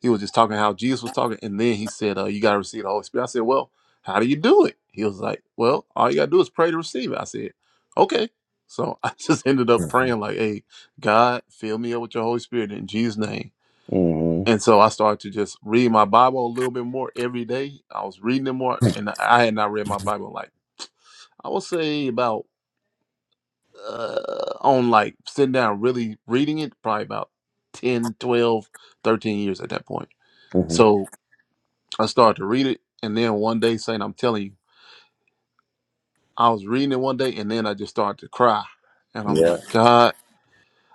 S3: he was just talking how Jesus was talking, and then he said, uh, "You got to receive the Holy Spirit." I said, "Well, how do you do it?" He was like, "Well, all you got to do is pray to receive it." I said, "Okay." So I just ended up praying like, "Hey, God, fill me up with your Holy Spirit in Jesus' name."
S1: Mm-hmm.
S3: And so I started to just read my Bible a little bit more every day. I was reading it more, and I had not read my Bible in like I would say about uh, on like sitting down really reading it probably about 10, 12, 13 years at that point
S1: Mm-hmm.
S3: so i started to read it and then one day saying i'm telling you i was reading it one day and then i just started to cry and i'm
S1: Yeah.
S3: like god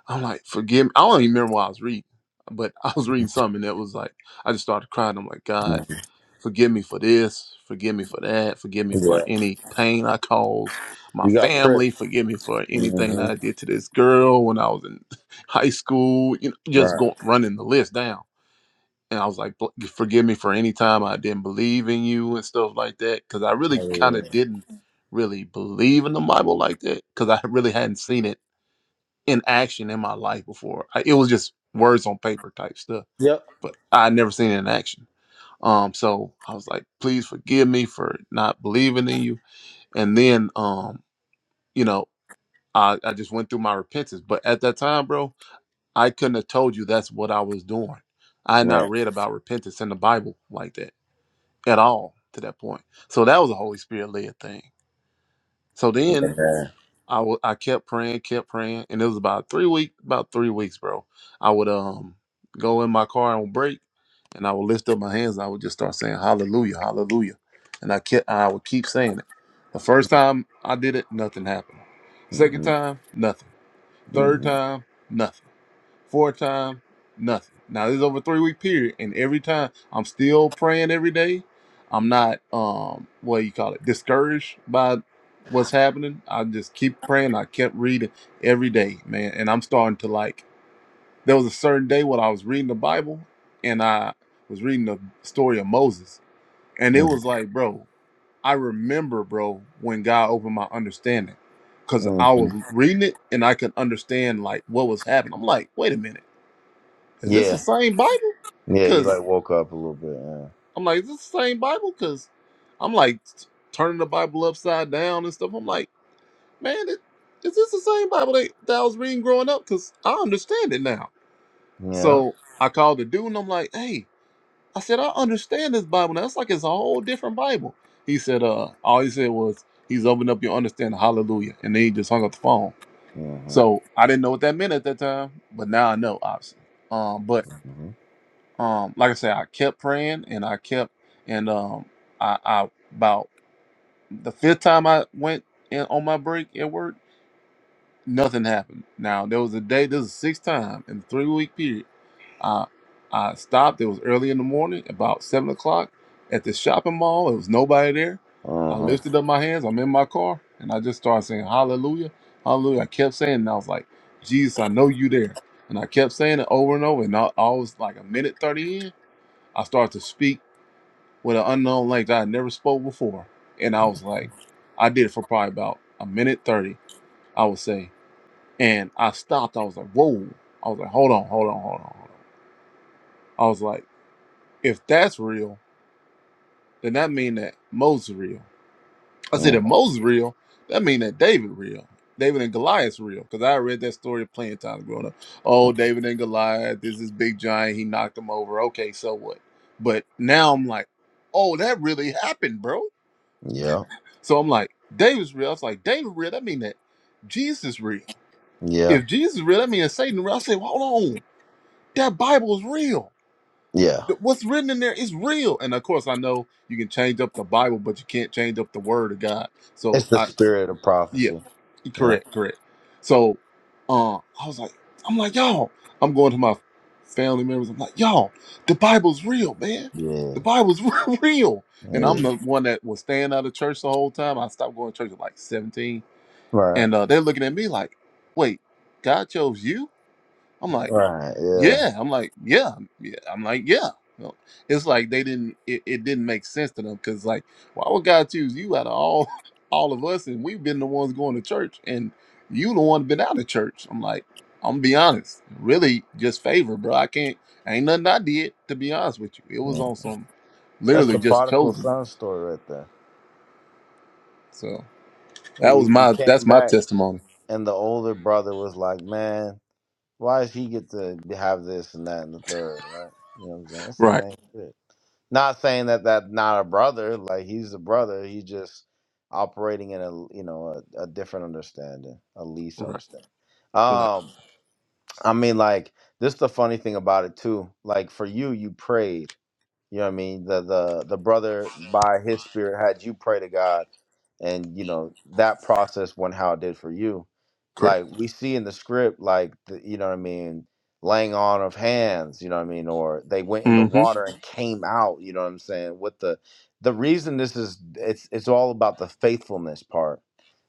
S3: i'm like forgive me i don't even remember what i was reading but i was reading something that was like i just started crying i'm like god
S1: Mhm.
S3: Forgive me for this. Forgive me for that. Forgive me for
S1: Yeah.
S3: any pain I caused my
S1: You got prick.
S3: family. Forgive me for anything that
S1: Mm-hmm.
S3: I did to this girl when I was in high school. You know, just
S1: Right.
S3: going running the list down. And I was like, "Bl- forgive me for any time I didn't believe in you and stuff like that. Cause I really kind of
S1: Hallelujah.
S3: didn't really believe in the Bible like that. Cause I really hadn't seen it in action in my life before. I, it was just words on paper type stuff,
S1: Yep.
S3: but I had never seen it in action. Um, so I was like, please forgive me for not believing in you. And then, um, you know, I, I just went through my repentance. But at that time, bro, I couldn't have told you that's what I was doing. I had not
S1: Right.
S3: read about repentance in the Bible like that at all to that point. So that was a Holy Spirit led thing. So then
S1: Yeah.
S3: I wa- I kept praying, kept praying, and it was about three week, about three weeks, bro. I would um go in my car on break, and I would lift up my hands. And I would just start saying Hallelujah, Hallelujah, and I kept I would keep saying it. The first time I did it, nothing happened. Second
S1: Mm-hmm.
S3: time, nothing. Third
S1: hmm
S3: time, nothing four times, nothing. Now this is over a three week period, and every time I'm still praying every day. I'm not um what do you call it discouraged by what's happening. I just keep praying. I kept reading every day, man, and I'm starting to like. There was a certain day when I was reading the Bible, and I was reading the story of Moses, and it was like, bro, I remember, bro, when God opened my understanding, cause I
S1: hmm
S3: was reading it and I could understand like what was happening. I'm like, wait a minute is this the
S1: Yeah.
S3: same Bible?
S1: Yeah. You
S3: Because
S1: like woke up a little bit.
S3: I'm like, is this the same Bible? Because I'm like t- turning the Bible upside down and stuff. I'm like, man, it, is this the same Bible that, that I was reading growing up? Because I understand it now.
S1: Yeah. Yeah.
S3: So I called the dude and I'm like, hey, I said, I understand this Bible now. It's like it's a whole different Bible. He said, uh, all he said was, he's opened up your understanding. Hallelujah. And then he just hung up the phone.
S1: Mm-hmm.
S3: So I didn't know what that meant at that time, but now I know, obviously. Um, but um like i said i kept praying and i kept and um i i about the fifth time i went in on my break at work nothing happened now there was a day this is the sixth time in the three week period i i stopped it was early in the morning about seven o'clock at the shopping mall there was nobody there i
S1: hmm
S3: lifted up my hands i'm in my car and i just started saying hallelujah hallelujah i kept saying and i was like jesus i know you there and i kept saying it over and over and i, I was like a minute 30 in I started to speak with an unknown language I had never spoke before. And I was like, I did it for probably about a minute 30, I would say. And I stopped. I was like, whoa. I was like, hold on, hold on, hold on, hold on. I was like, if that's real, then that mean that Moses is real. I said,
S1: hmm
S3: if Moses is real, that mean that David real. David and Goliath's real. Because I read that story plenty of times growing up. Oh, David and Goliath, There's this big giant. He knocked him over. Okay, so what? But now I'm like, oh, that really happened, bro
S1: Yeah.
S3: So I'm like, David's real. I was like, David real. That mean that Jesus real.
S1: Yeah.
S3: If Jesus is real, that means Satan real. I said, well, hold on, that Bible is real.
S1: Yeah.
S3: Th- What's written in there is real. And of course, I know you can change up the Bible, but you can't change up the Word of God. So
S1: It's the
S3: I,
S1: spirit of
S3: yeah,
S1: prophecy. Yep.
S3: correct, correct. So, uh, I was like, I'm like, y'all. I'm going to my family members. I'm like, y'all, the Bible's real, man.
S1: Yeah.
S3: The Bible's real. And I'm
S1: Yeah.
S3: the one that was staying out of church the whole time. I stopped going to church at like 17
S1: Right.
S3: And uh, they're looking at me like, wait, God chose you? I'm like,
S1: Right. Yeah.
S3: yeah. I'm like, yeah. yeah. I'm like, yeah. You know, it's like they didn't, it, it didn't make sense to them because, like, why would God choose you out of all all of us? And we've been the ones going to church and you the one been out of church. I'm like, I'm gonna be honest, really just favor, bro. I can't, ain't nothing I did to be honest with you. It was
S1: yeah.
S3: on some
S1: That's
S3: literally
S1: the
S3: just
S1: prodigal
S3: chosen.
S1: son story right there.
S3: So
S1: Yeah,
S3: that was
S1: you, you
S3: my,
S1: came
S3: that's my
S1: back
S3: testimony.
S1: and the older brother was like, Man, why does he get to have this and that and the third?" right? You know what I'm saying? It's the
S3: Right,
S1: same shit. Not saying that that's not a brother. Like he's a brother. He's just operating in a you know a, a different understanding, a least
S3: right,
S1: understanding.
S3: right.
S1: Um, I mean, like this is the funny thing about it too. Like for you, you prayed. You know what I mean? The the the brother by his spirit had you pray to God and you know that process went how it did for you.
S3: Correct.
S1: Like we see in the script, like the, you know what I mean, laying on of hands, you know what I mean, or they went in the
S3: Mm-hmm.
S1: water and came out, you know what I'm saying? With the the reason this is it's it's all about the faithfulness part.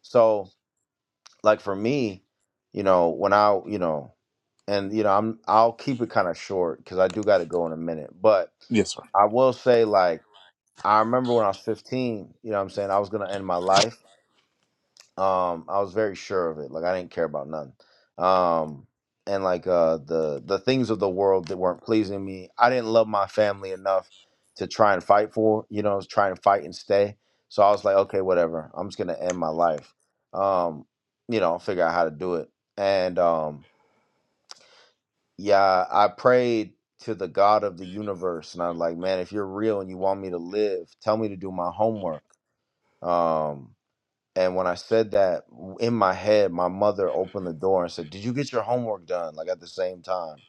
S1: So like for me, you know, when I you know and you know i'm i'll keep it kind of short because i do got to go in a minute but
S3: Yes, sir.
S1: i will say like i remember when i was 15 you know what i'm saying i was gonna end my life um i was very sure of it like i didn't care about nothing um and like uh the the things of the world that weren't pleasing me i didn't love my family enough to try and fight for you know try and fight and stay so i was like okay whatever i'm just gonna end my life um you know I'll figure out how to do it and um yeah, I prayed to the God of the universe, and I was like, man, if you're real and you want me to live, tell me to do my homework. Um, and when I said that w- in my head, my mother opened the door and said, "Did you get your homework done?" Like at the same time,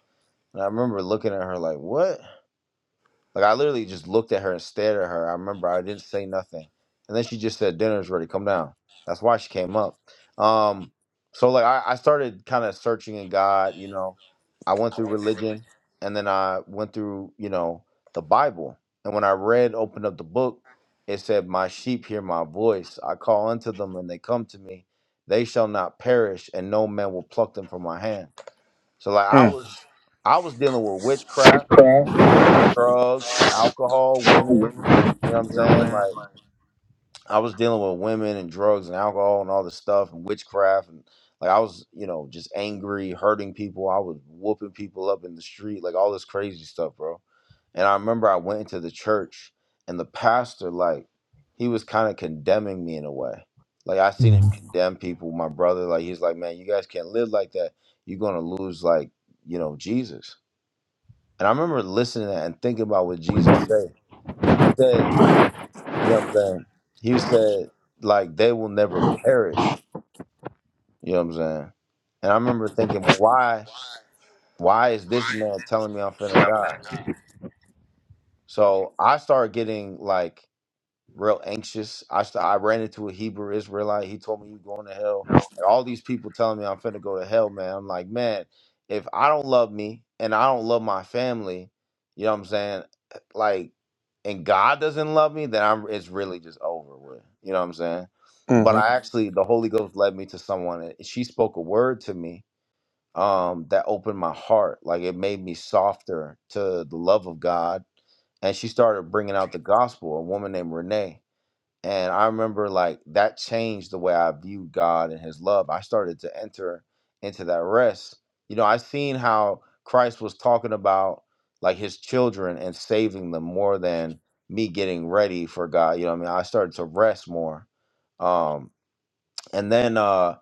S1: and I remember looking at her like, "What?" Like I literally just looked at her and stared at her. I remember I didn't say nothing, and then she just said, "Dinner's ready. Come down." That's why she came up. Um, so like I, I started kind of searching in God. You know, I went through religion, and then I went through you know the Bible. And when I read, opened up the book, it said, "My sheep hear my voice. I call unto them, and they come to me. They shall not perish, and no man will pluck them from my hand." So like I
S3: Mm,
S1: was, I was dealing with witchcraft
S3: Prayer,
S1: drugs, alcohol, women.
S3: you
S1: You know what I'm
S3: know what
S1: saying?
S3: I'm
S1: Like I was dealing with women and drugs and alcohol and all this stuff and witchcraft and like I was, you know, just angry, hurting people. I was whooping people up in the street, like all this crazy stuff, bro. And I remember I went into the church and the pastor, like, he was kind of condemning me in a way. Like I seen him Mhm. condemn people, my brother, like he's like, Man, you guys can't live like that. You're gonna lose like, you know, Jesus. And I remember listening to that and thinking about what Jesus said said, you know what I'm saying? He said, like, they will never perish. You know what I'm saying? And I remember thinking, "Well, why why is this man telling me I'm finna die? So I started getting like real anxious. I st- I ran into a Hebrew Israelite. He told me you going to hell, and all these people telling me I'm finna go to hell, man. I'm like, man, if I don't love me and I don't love my family, you know what I'm saying? Like, and God doesn't love me, then I'm it's really just over with. You know what I'm saying?
S3: saying? Like,
S1: But
S3: hmm
S1: I Mhm. actually, the Holy Ghost led me to someone, and she spoke a word to me um that opened my heart like it made me softer to the love of god and she started bringing out the gospel a woman named renee and I remember like that changed the way I viewed God and his love. I started to enter into that rest. You know, I seen how Christ was talking about like his children and saving them more than me getting ready for God. You know what I mean? I started to rest more. Um and then uh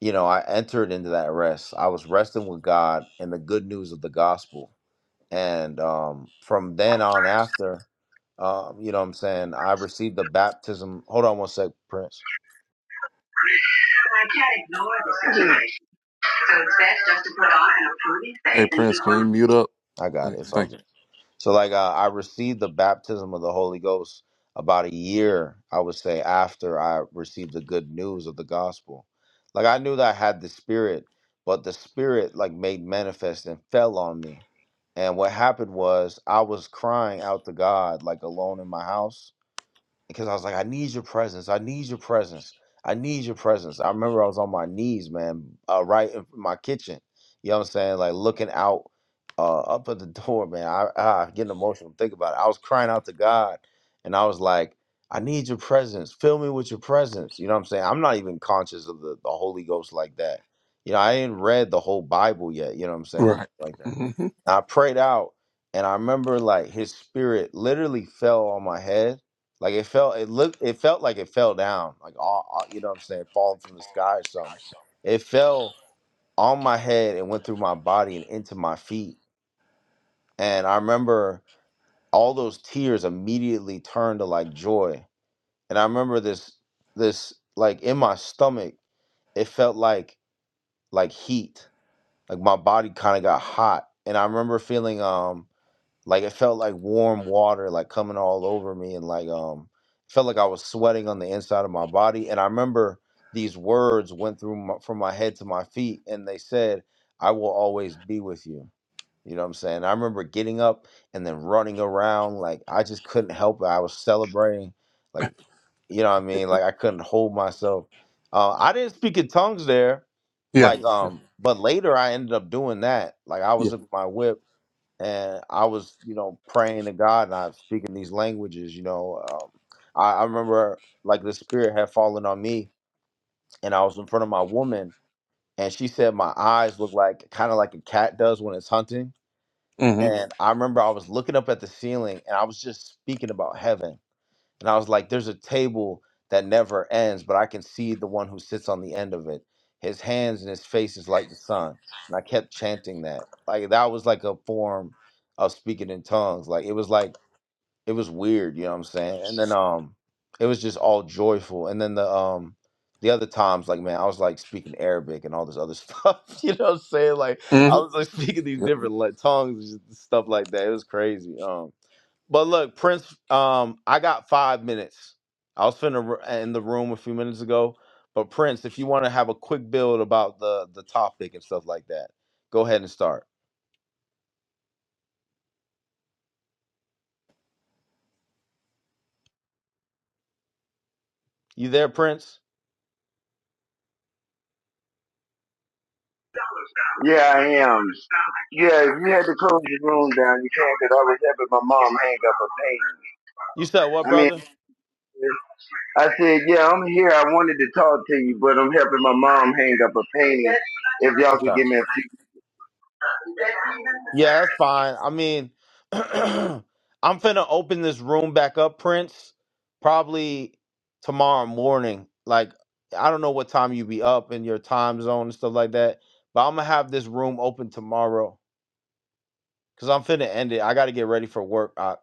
S1: you know, I entered into that rest. I was resting with God and the good news of the gospel and um, from then on after um, you know what i'm saying i received the baptism hold on one sec prince
S10: I can't ignore the situation. So it's best just to put on an approving
S3: Hey,
S10: face and
S3: Prince,
S10: keep
S3: can
S10: on.
S3: you mute up?
S1: i got
S3: Like,
S1: it it's all
S3: thank
S1: good so like uh, i received the baptism of the holy ghost about a year i would say after i received the good news of the gospel like i knew that i had the spirit but the spirit like made manifest and fell on me and what happened was i was crying out to god like alone in my house because I was like, I need your presence. I need your presence. I need your presence. I remember I was on my knees, man, uh, right in my kitchen. You know what I'm saying? Like looking out uh, up at the door, man. I, I getting emotional. Think about it. I was crying out to God, and I was like, I need your presence. Fill me with your presence. You know what I'm saying? I'm not even conscious of the, the Holy Ghost like that. You know, I ain't read the whole Bible yet. You know what I'm
S3: you.
S1: saying?
S3: Right.
S1: Like that.
S3: mm hmm
S1: I prayed out, and I remember like His Spirit literally fell on my head like it felt, it looked, it felt like it fell down, like all, all- you know what I'm saying, falling from the sky or something. It fell on my head and went through my body and into my feet. And I remember all those tears immediately turned to like joy. And I remember this, this like in my stomach, it felt like like heat, like my body kind of got hot. And I remember feeling, um. Like it felt like warm water like coming all over me and like um felt like I was sweating on the inside of my body. And I remember these words went through my, from my head to my feet and they said, "I will always be with you." You know what I'm saying? I remember getting up and then running around like I just couldn't help it. I was celebrating like you know what I mean? Like I couldn't hold myself. Uh, I didn't speak in tongues there
S3: Yeah.
S1: like
S3: Yeah.
S1: um but later i ended up doing that like i
S3: Yeah.
S1: was in my whip and I was, you know, praying to God and I was speaking these languages, you know. Um, I, I remember like the spirit had fallen on me and I was in front of my woman and she said my eyes look like kind of like a cat does when it's hunting.
S3: hmm
S1: Mhm. And I remember I was looking up at the ceiling and I was just speaking about heaven and I was like, there's a table that never ends, but I can see the one who sits on the end of it. His hands and his face is like the sun. And I kept chanting that. Like that was like a form of speaking in tongues. Like it was like it was weird, you know what I'm saying? And then um it was just all joyful. And then the um the other times, like man, I was like speaking Arabic and all this other stuff. You know what I'm saying? Like
S3: mm
S1: I
S3: hmm
S1: was like speaking these different like, tongues, and stuff like that. It was crazy. Um. But look, Prince, um, I got five minutes. I was finna r- in the room a few minutes ago. But Prince, if you want to have a quick build about the the topic and stuff like that, go ahead and start. You there, Prince?
S10: Yeah, I am. Yeah, if you had to close the room down, you can't, not 'cause I was helping my mom hang up a painting.
S1: You said what,
S10: I mean,
S1: brother?
S10: I said, yeah, I'm here. I wanted to talk to you, but I'm helping my mom hang up a painting. If y'all could
S1: Okay.
S10: give me a few.
S1: Yeah, that's fine. I mean, I'm finna open this room back up, Prince, probably tomorrow morning. Like, I don't know what time you be up in your time zone and stuff like that. But I'm gonna have this room open tomorrow because I'm finna end it. I got to get ready for work. Uh,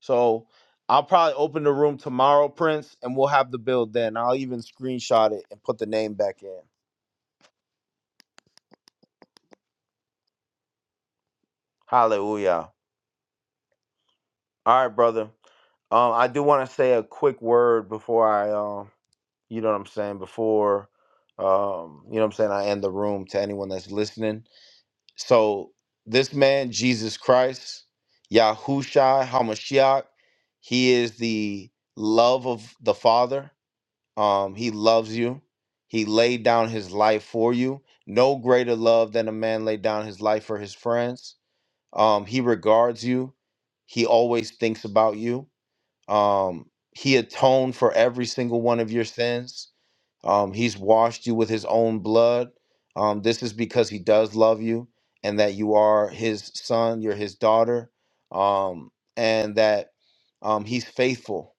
S1: so I'll probably open the room tomorrow, Prince, and we'll have the build then. I'll even screenshot it and put the name back in. Hallelujah. All right, brother. Um, I do want to say a quick word before I, um, you know what I'm saying, before, um, you know what I'm saying, I end the room to anyone that's listening. So this man, Jesus Christ, Yahushua Hamashiach, he is the love of the Father Um, he loves you. He laid down his life for you. No greater love than a man laid down his life for his friends. Um, he regards you. He always thinks about you. Um, he atoned for every single one of your sins. Um, he's washed you with his own blood. Um, this is because he does love you and that you are his son, you're his daughter, um, and that um, he's faithful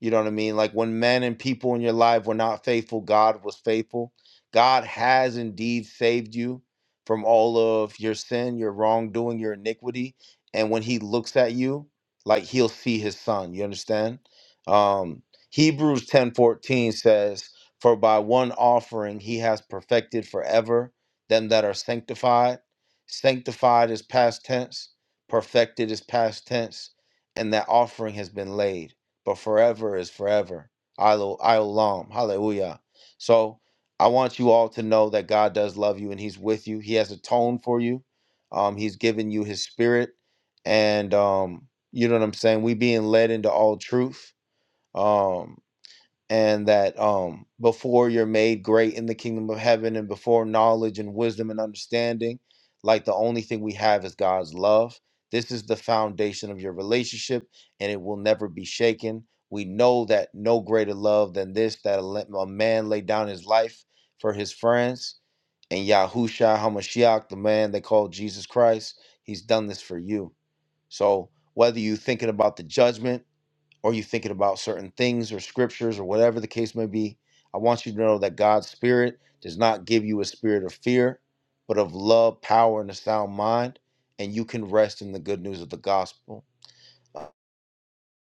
S1: you know what I mean? Like when men and people in your life were not faithful, God was faithful. God has indeed saved you from all of your sin, your wrongdoing, your iniquity. And when he looks at you, like he'll see his son. You understand? Um, Hebrews 10 14 says, For by one offering he has perfected forever them that are sanctified. Sanctified is past tense, perfected is past tense, and that offering has been laid but forever is forever. Ilo- Iolam. Hallelujah. So I want you all to know that God does love you and He's with you. He has atoned for you. Um, he's given you His Spirit, and um, you know what I'm saying. We being led into all truth. Um, and that um before you're made great in the kingdom of heaven and before knowledge and wisdom and understanding like the only thing we have is God's love this is the foundation of your relationship and it will never be shaken we know that no greater love than this that a le- a man laid down his life for his friends and Yahusha HaMashiach the man they call Jesus Christ he's done this for you so whether you're thinking about the judgment or you thinking about certain things or scriptures or whatever the case may be, I want you to know that God's spirit does not give you a spirit of fear, but of love, power, and a sound mind, and you can rest in the good news of the gospel. Uh,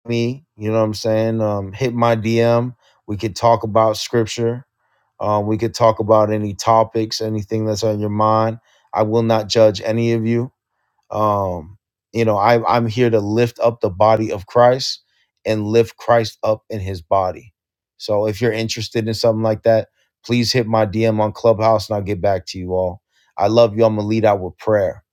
S1: Me, you know what I'm saying? Um, hit my DM. We could talk about scripture. Um, we could talk about any topics, anything that's on your mind. I will not judge any of you um you know i i'm here to lift up the body of christ and lift christ up in his body so if you're interested in something like that please hit my dm on clubhouse and i'll get back to you all i love you i'm gonna lead out with prayer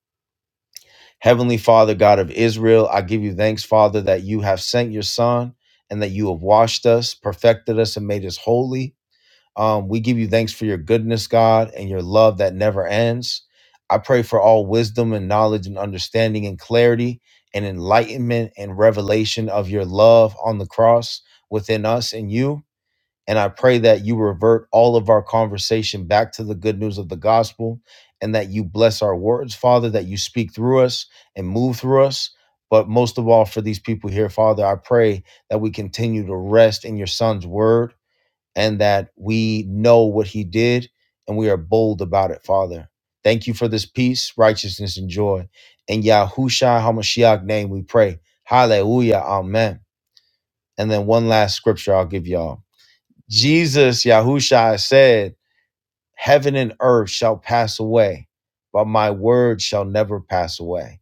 S1: heavenly father god of israel i give you thanks father that you have sent your son and that you have washed us perfected us and made us holy um, we give you thanks for your goodness, God, and your love that never ends. I pray for all wisdom and knowledge and understanding and clarity and enlightenment and revelation of your love on the cross within us and you. And I pray that you revert all of our conversation back to the good news of the gospel and that you bless our words, Father, that you speak through us and move through us. But most of all, for these people here, Father, I pray that we continue to rest in your son's word and that we know what he did and we are bold about it, Father. Thank you for this peace, righteousness, and joy. In Yahushua HaMashiach name we pray. Hallelujah. Amen. And then one last scripture I'll give y'all. Jesus, Yahushua, said, Heaven and earth shall pass away, but my word shall never pass away.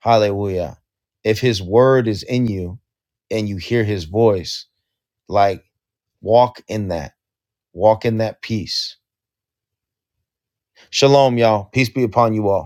S1: Hallelujah. If his word is in you and you hear his voice, like walk in that, walk in that peace Shalom, y'all. Peace be upon you all.